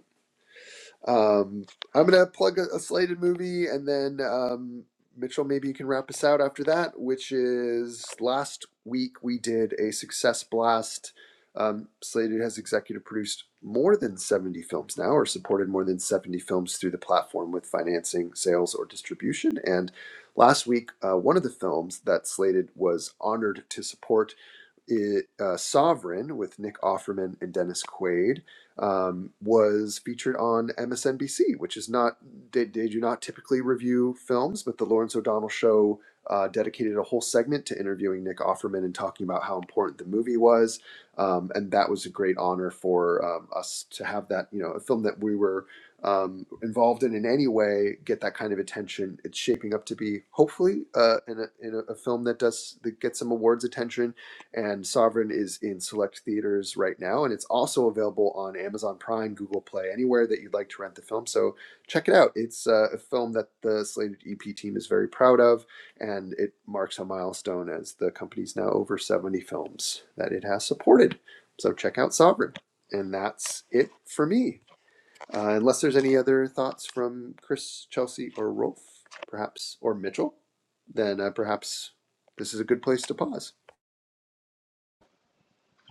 Speaker 2: Um, I'm gonna plug a, a slated movie, and then um, Mitchell, maybe you can wrap us out after that. Which is last week we did a success blast. Um, Slated has executive produced more than 70 films now, or supported more than 70 films through the platform with financing, sales, or distribution. And last week, uh, one of the films that Slated was honored to support it, uh, Sovereign with Nick Offerman and Dennis Quaid um, was featured on MSNBC, which is not, they, they do not typically review films, but the Lawrence O'Donnell show uh, dedicated a whole segment to interviewing Nick Offerman and talking about how important the movie was. Um, and that was a great honor for um, us to have that, you know, a film that we were um, involved in in any way get that kind of attention. It's shaping up to be hopefully uh, in, a, in a, a film that does that gets some awards attention and Sovereign is in select theaters right now, and it's also available on Amazon Prime, Google Play, anywhere that you'd like to rent the film. So check it out. It's uh, a film that the Slated EP team is very proud of, and it marks a milestone as the company's now over 70 films that it has supported. So check out Sovereign. And that's it for me. Uh, unless there's any other thoughts from Chris, Chelsea, or Rolf, perhaps, or Mitchell, then uh, perhaps this is a good place to pause.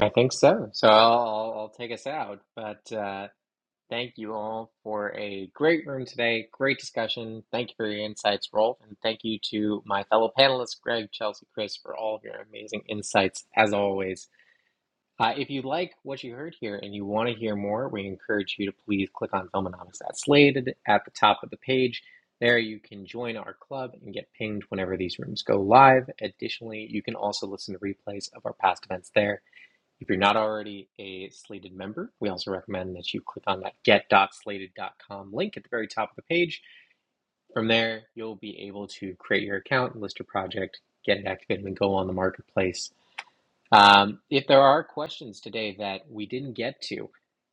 Speaker 1: I think so. So I'll, I'll I'll take us out, but. Uh, Thank you all for a great room today. Great discussion. Thank you for your insights, Rolf. And thank you to my fellow panelists, Greg, Chelsea, Chris, for all of your amazing insights, as always. Uh, if you like what you heard here and you want to hear more, we encourage you to please click on Filmonomics at Slated at the top of the page. There you can join our club and get pinged whenever these rooms go live. Additionally, you can also listen to replays of our past events there if you're not already a Slated member, we also recommend that you click on that get.slated.com link at the very top of the page. From there, you'll be able to create your account, list your project, get it activated, and go on the marketplace. Um, if there are questions today that we didn't get to,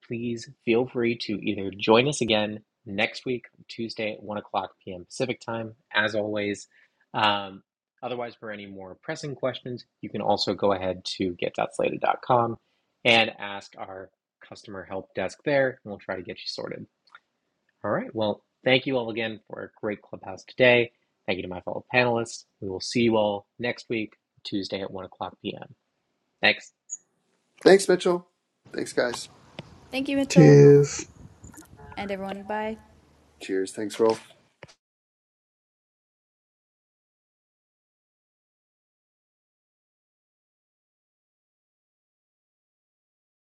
Speaker 1: please feel free to either join us again next week, Tuesday at 1 o'clock p.m. Pacific time, as always. Um, otherwise, for any more pressing questions, you can also go ahead to get dot slated dot com and ask our customer help desk there, and we'll try to get you sorted. All right. Well, thank you all again for a great clubhouse today. Thank you to my fellow panelists. We will see you all next week, Tuesday at 1 o'clock p.m. Thanks.
Speaker 2: Thanks, Mitchell. Thanks, guys.
Speaker 4: Thank you, Mitchell,
Speaker 5: Cheers.
Speaker 4: and everyone. Bye.
Speaker 2: Cheers. Thanks, Rolf.